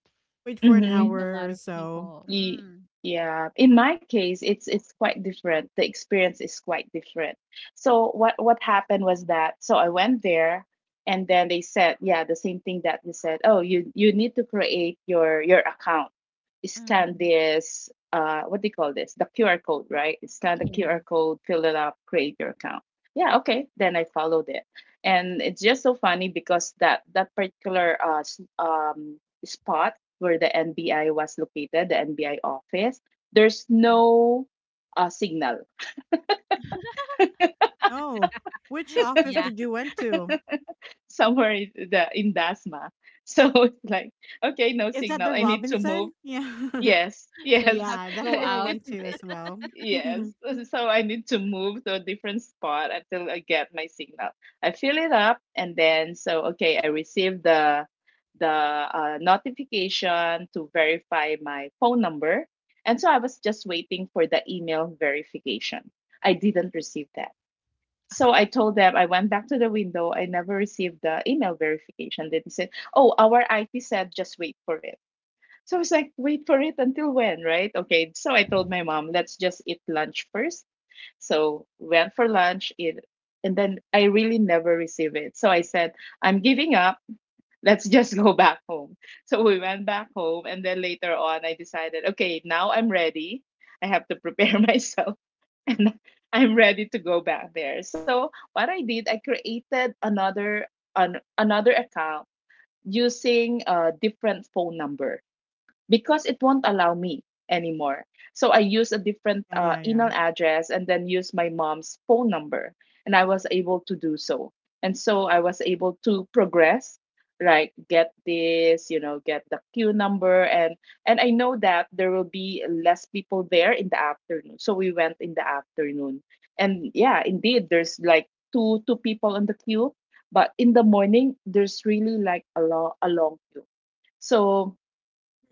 Wait for an
with
mhm.
a
hour
lot
or
of
so.
people.
Ye-
Mm,
yeah, in my case, it's quite different. The experience is quite different. So what happened was that, so I went there, and then they said, yeah, the same thing that you said. Oh, you need to create your account. Scan
mm-hmm.
this what do you call this? The QR code, right? Scan the
Yeah.
QR code, fill it up, create your account. Yeah, okay. Then I followed it. And it's just so funny because that particular spot where the NBI was located, the NBI office, there's no signal
Oh, which office
Yeah.
did you went to?
somewhere in the in Dasma. So it's like, okay, no
Is that
signal.
the
I need to move.
Robinson? Yeah.
Yes,
So you
yes.
have
Yeah,
to
that's
go
where I
out.
It,
went to as well. Yeah,
yes. So I need to move to a different spot until I get my signal. I fill it up, and then, so okay, I receive the notification to verify my phone number. And so I was just waiting for the email verification. I didn't receive that. So I told them, I went back to the window. I never received the email verification. They said, "Oh, our IT said just wait for it." So I was like, wait for it until when, right? Okay. So I told my mom, let's just eat lunch first. So went for lunch, and then I really never received it. So I said, I'm giving up. Let's just go back home. So we went back home, and then later on, I decided, okay, now I'm ready. I have to prepare myself, and I'm ready to go back there. So what I did, I created another account using a different phone number, because it won't allow me anymore. So I used a different
yeah,
email
yeah.
address, and then used my mom's phone number, and I was able to do so. And so I was able to progress, like get this, you know, get the queue number, and I know that there will be less people there in the afternoon. So we went in the afternoon, and yeah, indeed, there's like two people on the queue, but in the morning there's really like a long queue. So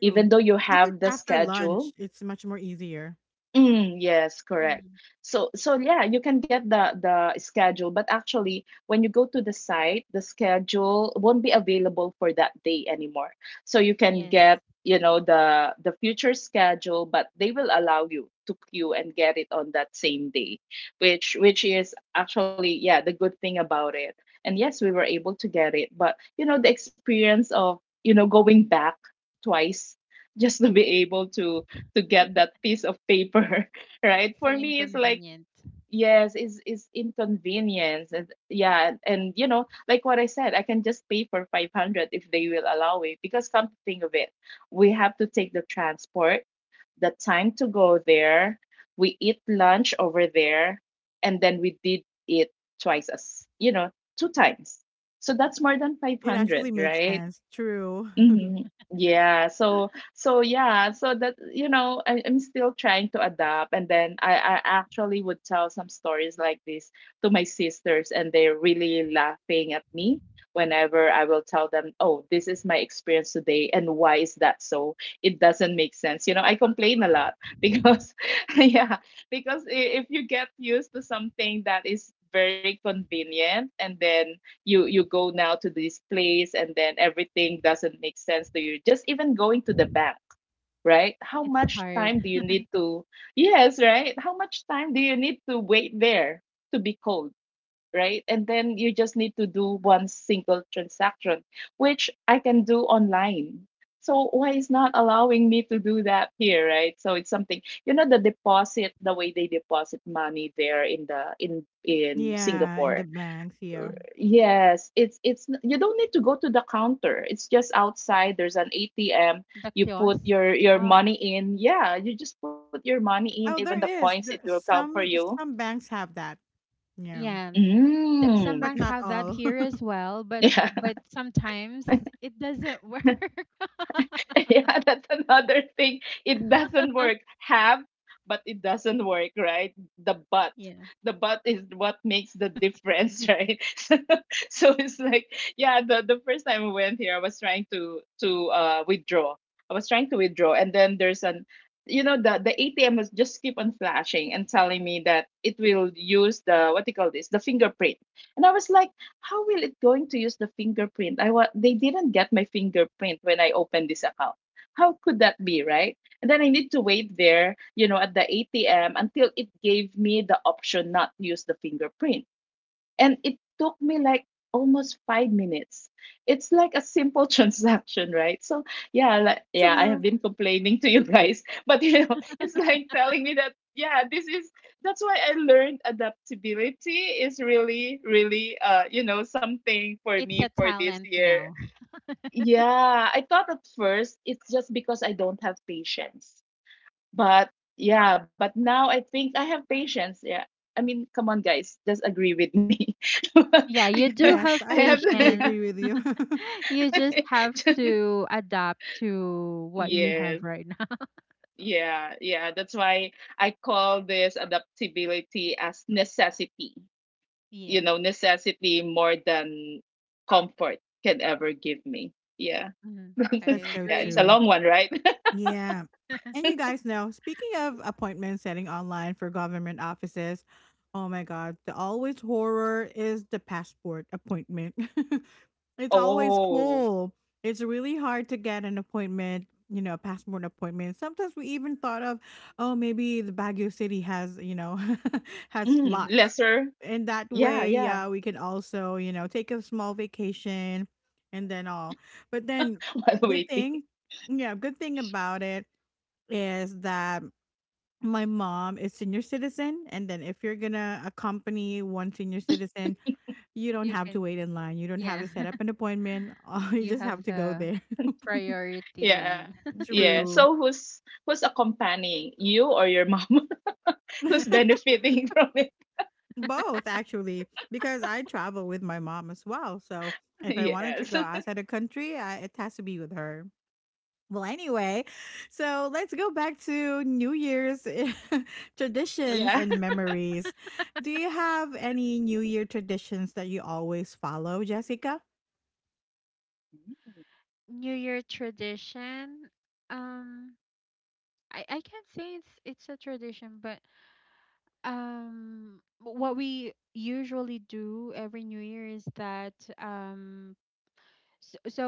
even
True.
though you
If
have
it's
the
after
schedule,
lunch, it's much more easier.
mm, yes, correct.
Mm,
So so yeah, you can get the schedule, but actually when you go to the site, the schedule won't be available for that day anymore. So you can
yes.
get, you know, the future schedule, but they will allow you to queue and get it on that same day, which is actually yeah, the good thing about it. And yes, we were able to get it, but you know, the experience of, you know, going back twice just to be able to get that piece of paper, right?
So
For me, it's like,
inconvenient.
yes, it's inconvenience. And, yeah. And, you know, like what I said, I can just pay for 500 if they will allow it. Because come to think of it, we have to take the transport, the time to go there. We eat lunch over there. And then we did it twice, as, you know, two times. So that's more than
It
500,
actually makes
right?
sense. True.
Mhm. Yeah. So so yeah. So that, you know, I, I'm still trying to adapt, and then I actually would tell some stories like this to my sisters, and they're really laughing at me whenever I will tell them, "Oh, this is my experience today, and why is that so? It doesn't make sense." You know, I complain a lot because yeah, because if you get used to something that is very convenient, and then you go now to this place, and then everything doesn't make sense to you, just even going to the bank, right? How
It's
much
hard.
time do you need to, yes, right, how much time do you need to wait there to be called, right? And then you just need to do one single transaction, which I can do online. So why is not allowing me to do that here, right? So it's something, you know, the deposit, the way they deposit money there, in the in
Yeah, in the
Singapore.
banks, yeah.
Mm.
Yes, you don't need to go to the counter. It's just outside. There's an ATM.
The
You
kiosk.
put your
Oh,
money in. Yeah, you just put your money in. Even
Oh,
the
there
coins, it
is.
will
There
count for you.
some banks have that. Yeah.
yeah. The, some
Mm.
But
banks
not
have that
all.
here as well, but
Yeah.
sometimes it doesn't work.
Yeah, that's another thing. It doesn't work. Have, but it doesn't work, right? The but.
Yeah.
The but is what makes the difference, right? So, so it's like, yeah, the first time we went here, I was trying to to withdraw. I was trying to withdraw, and then there's an, you know, the ATM was just keep on flashing and telling me that it will use the what do you call this the fingerprint, and I was like, how will it going to use the fingerprint? They didn't get my fingerprint when I opened this account. How could that be, right? And then I need to wait there, you know, at the ATM until it gave me the option not to use the fingerprint and it took me like almost 5 minutes. It's like a simple transaction, right? So yeah, like, yeah, I have
True.
been complaining to you guys, but you know, it's like telling me that yeah, this is that's why I learned adaptability is really, really, you know, something for
It's a
me for this
talent
year.
now.
Yeah, I thought at first it's just because I don't have patience. But yeah, but now I think I have patience. Yeah. I mean, come on, guys, just agree with me.
Yeah, you
I
do
Yes,
have
I definitely
patience.
I
agree with you.
You
have
just have to adapt to what you have
yes,
right now.
yeah, yeah. That's why I call this adaptability as necessity. You
Yes.
know, necessity more than comfort can ever give me. Yeah,
Mhm. I
That's so
yeah.
agree.
It's a
true.
long one, right?
Yeah. And you guys know, speaking of appointment setting online for government offices, oh my God, the always horror is the passport appointment. It's always
Oh,
full. It's really hard to get an appointment, you know, a passport appointment. Sometimes we even thought of, oh, maybe the Baguio City has, you know, has
mm,
slots.
lesser.
And that
Yeah,
way,
yeah.
yeah, we can also, you know, take a small vacation and then all. But then,
While
good thing
waiting.
yeah, good thing about it is that my mom is senior citizen, and then if you're gonna accompany one senior citizen, you don't
You
have to
can,
wait in line. You don't have
yeah,
to set up an appointment. You
you
just have
have
to go
the
there.
priority
Yeah.
lane.
Yeah.
True.
So who's accompanying you or your mom? Who's benefiting from it?
Both actually, because I travel with my mom as well. So if I wanted to
Yes.
go outside the country, it has to be with her. Well, anyway, so let's go back to New Year's
Yeah.
traditions and memories. Do you have any New Year traditions that you always follow, Jessica?
New Year tradition. Um, I can't say it's a tradition, but what we usually do every New Year is that so, so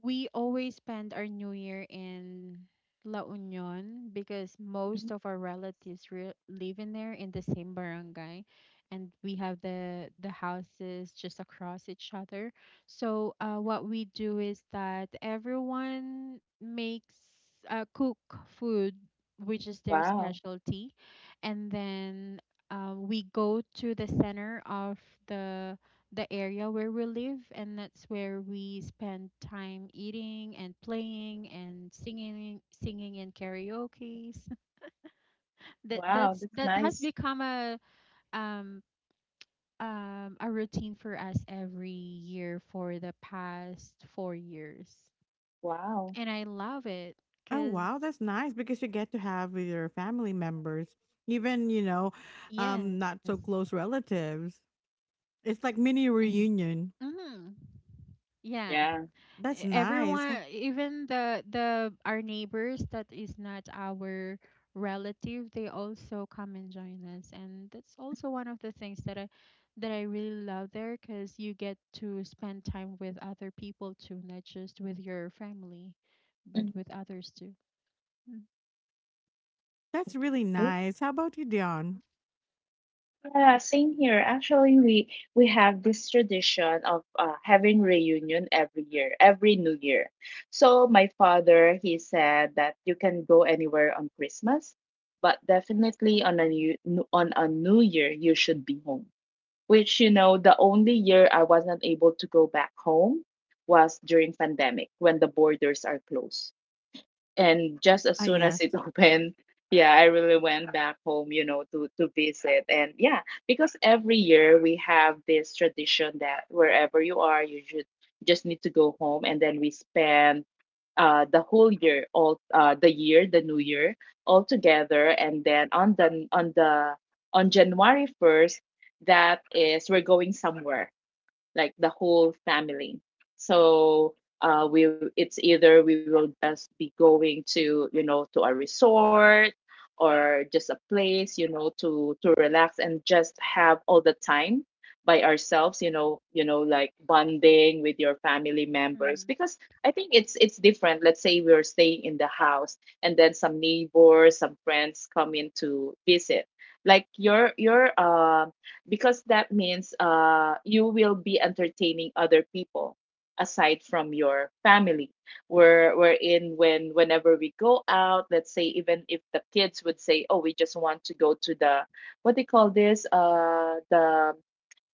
we always spend our New Year in La Union because
Mhm.
most of our relatives re- live in there in the same barangay, and we have the houses just across each other. So what we do is that everyone makes cook food, which is their
Wow.
specialty, and then we go to the center of the the area where we live, and that's where we spend time eating and playing and singing, singing in karaoke's. That
Wow.
that's
That's
that has
nice.
become a um um a routine for us every year for the past 4 years,
Wow.
and I love it
Oh,
because
wow, that's nice because you get to have with your family members, even, you know,
yes,
not so close relatives. It's like mini
Mhm.
reunion.
mm-hmm, yeah.
Yeah.
E-
That's
everyone,
nice.
even the our neighbors that is not our relative, they also come and join us, and that's also one of the things that I that I really love there, because you get to spend time with other people too, not just with your family, but with
Mhm.
others too.
That's really
Good.
nice. How about you, Dion?
Yeah, same here. Actually, we have this tradition of having reunion every year, every New Year. So my father, he said that you can go anywhere on Christmas, but definitely on a New Year you should be home. Which, you know, the only year I wasn't able to go back home was during pandemic when the borders are closed and just as
Ah,
soon as
yes.
it opened yeah, I really went back home, you know, to visit. And yeah, because every year we have this tradition that wherever you are you should just need to go home, and then we spend the new year all together, and then on the on the on january 1st, that is we're going somewhere, like the whole family. So we it's either we will just be going to, you know, to a resort or just a place, you know, to relax and just have all the time by ourselves, you know, you know, like bonding with your family members.
Mm-hmm.
Because I think it's different, let's say we're staying in the house and then some neighbors, some friends come in to visit like your because that means you will be entertaining other people aside from your family. We're in When whenever we go out, let's say even if the kids would say, oh, we just want to go to the what they call this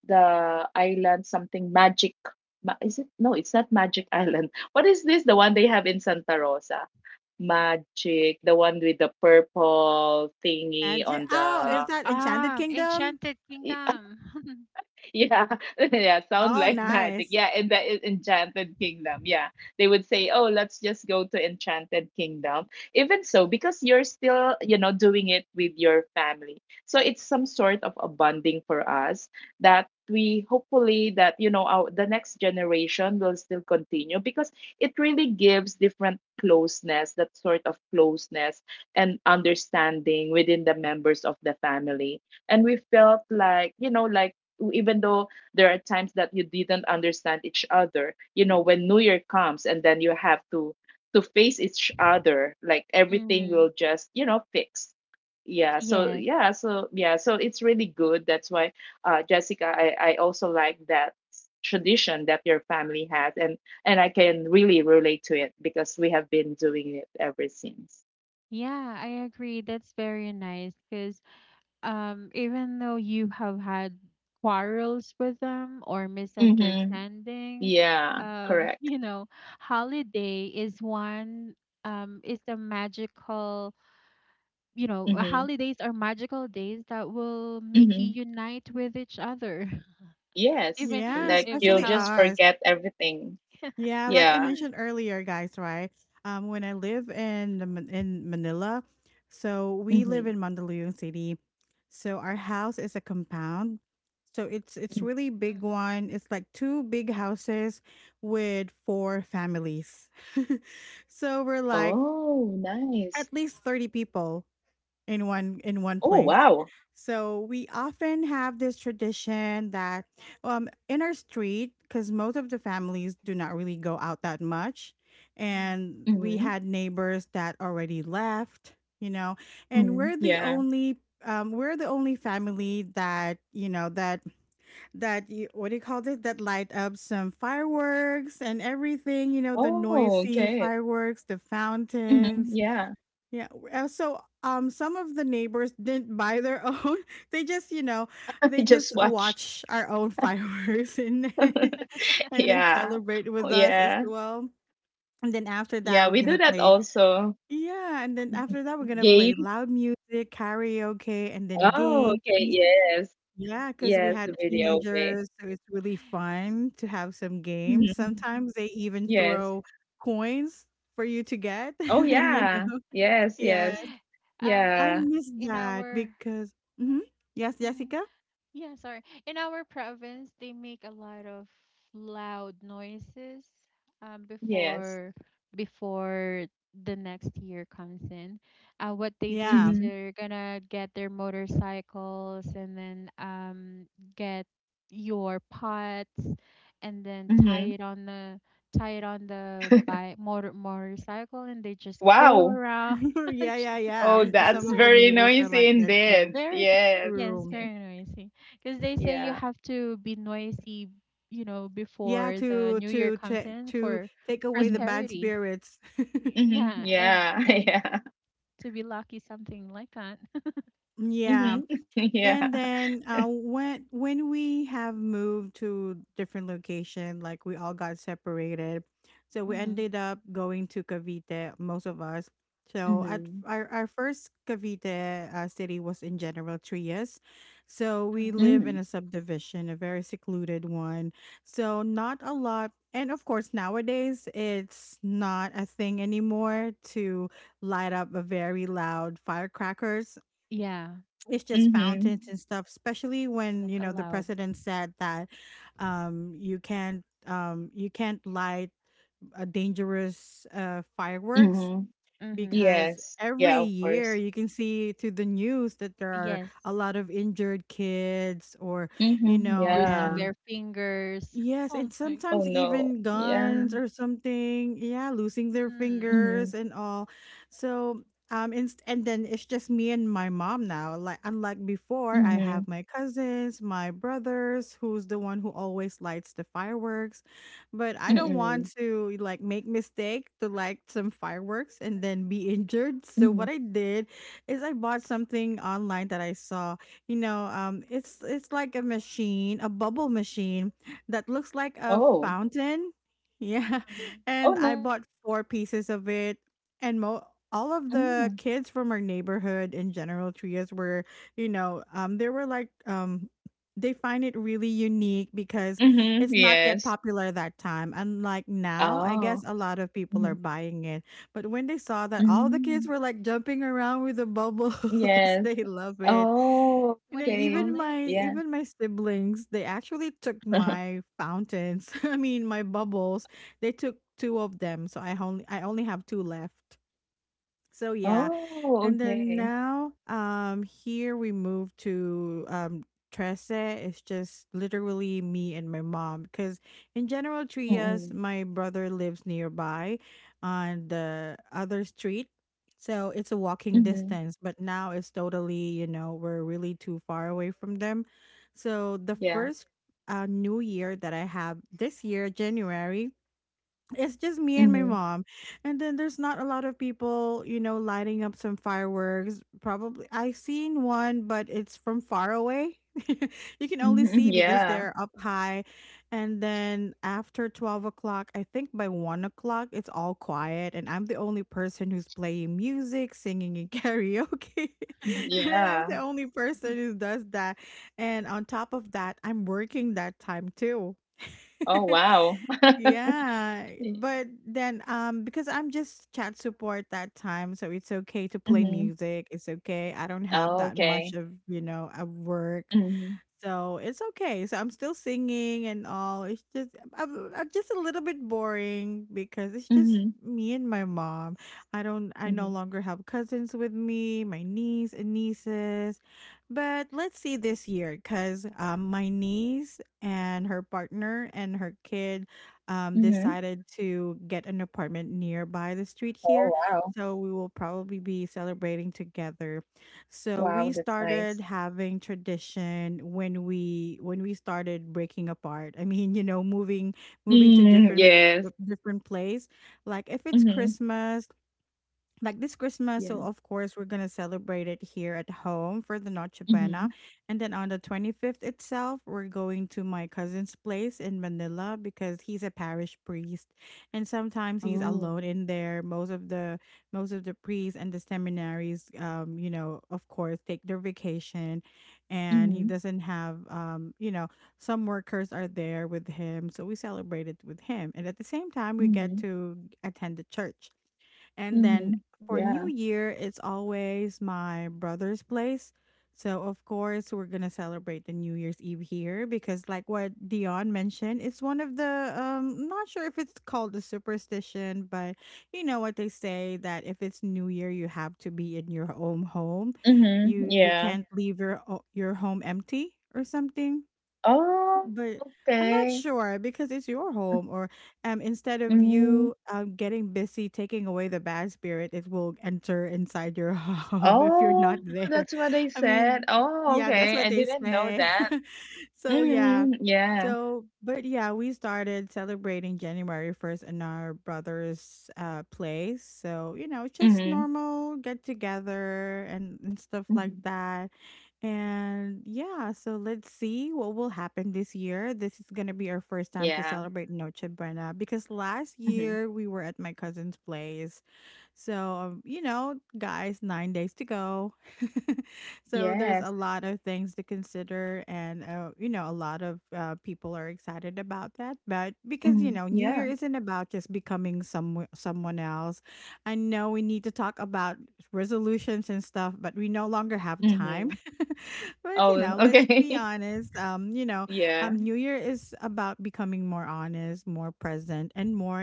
the island something magic, is it, no, it's not magic island, what is this, the one they have in santa rosa, magic, the one with the purple thingy
Magic.
on the
Oh,
Okay.
is that
Ah,
Enchanted Kingdom?
Enchanted Kingdom.
yeah, yeah, sound
Oh,
like magic.
nice.
Yeah, and that is Enchanted Kingdom. Yeah, they would say, "Oh, let's just go to Enchanted Kingdom." Even so, because you're still, you know, doing it with your family, so it's some sort of a bonding for us that we hopefully, that, you know, our the next generation will still continue because it really gives different closeness, that sort of closeness and understanding within the members of the family. And we felt like, you know, like even though there are times that you didn't understand each other, you know, when new year comes and then you have to face each other, like everything
Mm-hmm.
will just, you know, fix. yeah so
Yes.
yeah so yeah so it's really good. That's why, jessica, I also like that tradition that your family has, and I can really relate to it because we have been doing it ever since.
Yeah, I agree. That's very nice because even though you have had quarrels with them or
Mm-hmm.
misunderstandings,
Yeah, correct.
you know, holiday is one is the magical, you know,
Mm-hmm.
holidays are magical days that will make you
Mm-hmm.
unite with each other.
Yes,
Even
Yeah,
like you'll
especially
how
just
us.
forget everything.
Yeah, like I
Yeah.
mentioned earlier, guys, right? When I live in Manila, so we live in
Mhm.
Mandaluyong City. So our house is a compound. So it's
Mm.
really big
mhm,
one. It's like two big houses with four families. So we're like
Oh, nice.
at least 30 people in one
Oh,
place.
wow.
So we often have this tradition that in our street cuz most of the families do not really go out that much,
mhm.
and we
Mhm.
had neighbors that already left, you know, and
Mhm. Yeah.
we're the only family that you know that that you, what do you call it, that light up some fireworks and everything, you know, the
Oh,
noisy
okay.
fireworks, the
Mhm.
fountains,
Yeah.
yeah. So some of the neighbors didn't buy their own. They just, you know, they
Just
just
watch.
watch our own fireworks and then, and then
Yeah.
celebrate
Oh,
with us as
yeah.
well. And then after that
Yeah,
we're
we
going
do
to
that
play
also.
Yeah, and then after that we're going to play
Game.
loud music, karaoke, and then
Oh,
games.
okay. Yes.
Yeah, cuz we
Yes, the
had
video. Okay.
teenagers, so it's really fun to have some games.
Mhm.
Sometimes they even
Yes.
throw coins for you to get,
Oh,
you
yeah.
know.
Yes,
Yeah,
yes.
I
In
Yeah.
miss that
our
because hmm yes,
mm.
Jessica.
Yeah, sorry. In our province, they make a lot of loud noises
Yes.
before before the next year comes in. What they do is
Yeah,
Mhm.
they're gonna get their motorcycles and then get your pots and then tie
Mhm.
it on the bike motor motorcycle, and they just go
Wow.
around.
yeah, yeah, yeah.
Oh,
Mm, some
that's
of the
very
neighbors are
noisy
like that too.
indeed.
Very,
Yes.
yes,
True.
very noisy. Because they say you
Yeah.
have to be noisy, you know,
Yeah,
before the
to
new year comes in, for
take away the
Mm-hmm.
bad
prosperity.
spirits.
Y-
Mm-hmm.
Yeah, and
Yeah.
and
Yeah.
to be lucky, something like that.
Yeah.
Mm-hmm. Yeah.
And then when we have moved to different location, like we all got separated, so we
Mm-hmm,
ended up going to Cavite, most of us. So at
Mm-hmm.
our first Cavite city was in General Trias, so we
mm-hmm.
live
Mm-hmm.
in a subdivision, a very secluded one. So not a lot, and of course nowadays it's not a thing anymore to light up a very loud firecrackers,
Yeah,
it's just fountains
Mm-hmm.
and stuff, especially
it's not
when you know the
allowed.
president said that you can't light a dangerous fireworks,
Mm-hmm.
Mm-hmm.
because
Yes.
every
Yeah, of
year
course.
you can see through the news that there are
Yes,
a lot of injured kids or you
Mm-hmm.
know.
losing
Yeah.
And
their fingers.
yes,
Oh
and
my
Oh
sometimes
God.
no.
even
Yeah.
guns or something, yeah, losing their
Mm-hmm.
fingers and all. So, and then it's just me and my mom now. Like, unlike before, I
Mm-hmm.
have my cousins, my brothers, who's the one who always lights the fireworks. But I don't
Mm-mm.
want to like make mistake to light some fireworks and then be injured.
Mm-hmm.
So what I did is I bought something online that I saw. You know, it's like a machine, a bubble machine that looks like a
Oh.
fountain. Yeah.
Mm-hmm.
Oh,
And I bought
nice.
four pieces of it. And mo- all of the
Mm-hmm.
kids from our neighborhood in General Trias were, you know, they were like, they find it really unique because
Mm-hmm.
it's not yet
Yes.
popular that time. Unlike now, I guess
Oh.
a lot of people
Mm-hmm.
are buying it. But when they saw that all the
Mm-hmm.
kids were like jumping around with the bubbles,
Yes.
they love it.
Oh,
What
And
do you
then
call
okay.
it?
Yeah.
even my siblings, they actually took my fountains. I mean, my bubbles. They took two of them, so I only have two left. So yeah,
Oh,
and then
okay.
now, here we moved to Trece. It's just literally me and my mom. Because in General
Mm-mm.
Trias, my brother lives nearby on the other street. So it's a walking
Mhm.
distance, but now it's totally, you know, we're really too far away from them. So the
Mhm.
Yeah.
first new year that I have this year, January, it's just me and my
Mhm.
mom, and then there's not a lot of people, you know, lighting up some fireworks. Probably I seen one, but it's from far away. You can only
Mhm.
see because
Yeah.
they're up high, and then after 12 o'clock, I think by 1 o'clock it's all quiet, and I'm the only person who's playing music, singing in karaoke.
Mhm.
And then I'm
Yeah.
the only person who does that, and on top of that I'm working that time too.
Oh, wow.
Yeah,
Yeah.
but then because I'm just chat support that time, so it's okay to play
Mhm.
music. It's okay. I don't have that much
Okay.
of, you know, of work.
Mhm.
So it's okay. So I'm still singing and all. It's just I'm just a little bit boring because it's just
Mhm.
me and my mom. I no
Mhm.
longer have cousins with me, my niece and nieces. But let's see this year because my niece and her partner and her kids
Mhm.
decided to get an apartment nearby the street
Oh,
here.
wow.
So we will probably be celebrating together. So
Wow,
we
that's
started
nice.
having tradition when we started breaking apart. I mean, you know, moving to
Mm, yes.
different place. Like if it's
Mhm.
Christmas, like this Christmas,
Yeah.
so of course we're gonna celebrate it here at home for the Noche Buena,
Mhm.
and then on the 25th itself, we're going to my cousin's place in Manila because he's a parish priest, and sometimes he's
Oh.
alone in there. Most of the priests and the seminaries, you know, of course, take their vacation, and he
Mhm.
doesn't have, you know, some workers are there with him, so we celebrate it with him, and at the same time, we get
Mhm.
to attend the church, and then
Mhm.
for
Yeah.
New Year, it's always my brother's place. So, of course, we're going to celebrate the New Year's Eve here because, like what Dion mentioned, it's one of the, not sure if it's called a superstition, but you know what they say that if it's New Year, you have to be in your own home.
Mhm.
You
Yeah.
can't leave your your home empty or something,
Oh,
but I'm not
okay.
sure because it's your home, or instead of
Mm.
you getting busy taking away the bad spirit, it will enter inside your home if you're not
Oh,
there.
that's what they
I
said.
mean,
Oh,
yeah, that's
okay.
what
I
they
didn't know
say.
that.
So, yeah.
Mm-hmm. Yeah.
So, but yeah, we started celebrating January 1st in our brother's place. So, you know, just
Mm-hmm.
normal get together and stuff
Mm-hmm.
like that, and yeah, so let's see what will happen this year. This is going to be our first time
Yeah.
to celebrate Noche Buena because last
Mm-hmm.
year we were at my cousin's place. So, you know, guys, 9 days to go. So,
Yes.
there's a lot of things to consider, and, you know, a lot of people are excited about that. But because,
Mm-hmm.
you know, New
Yeah.
Year isn't about just becoming someone else. I know we need to talk about resolutions and stuff, but we no longer have time.
Mm-hmm.
But, you
Oh,
know, let's be
okay.
honest. You know,
Yeah.
New Year is about becoming more honest, more present, and more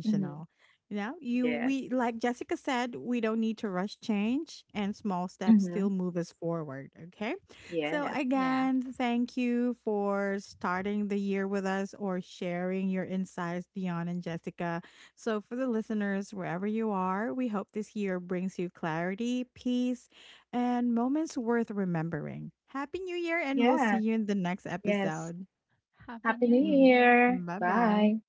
Mm-hmm.
Yeah, you
Yes.
we like Jessica said, we don't need to rush change, and small steps
Mm-hmm.
still move us forward, okay? So
Yes.
Yeah.
again, thank you for starting the year with us or sharing your insights, Dion and Jessica. So for the listeners wherever you are, we hope this year brings you clarity, peace, and moments worth remembering. Happy New Year, and we'll see
Yeah.
you in the next
Yes.
episode.
Happy
Happy
New
New
Mm,
Year.
Year.
bye-bye.
Bye.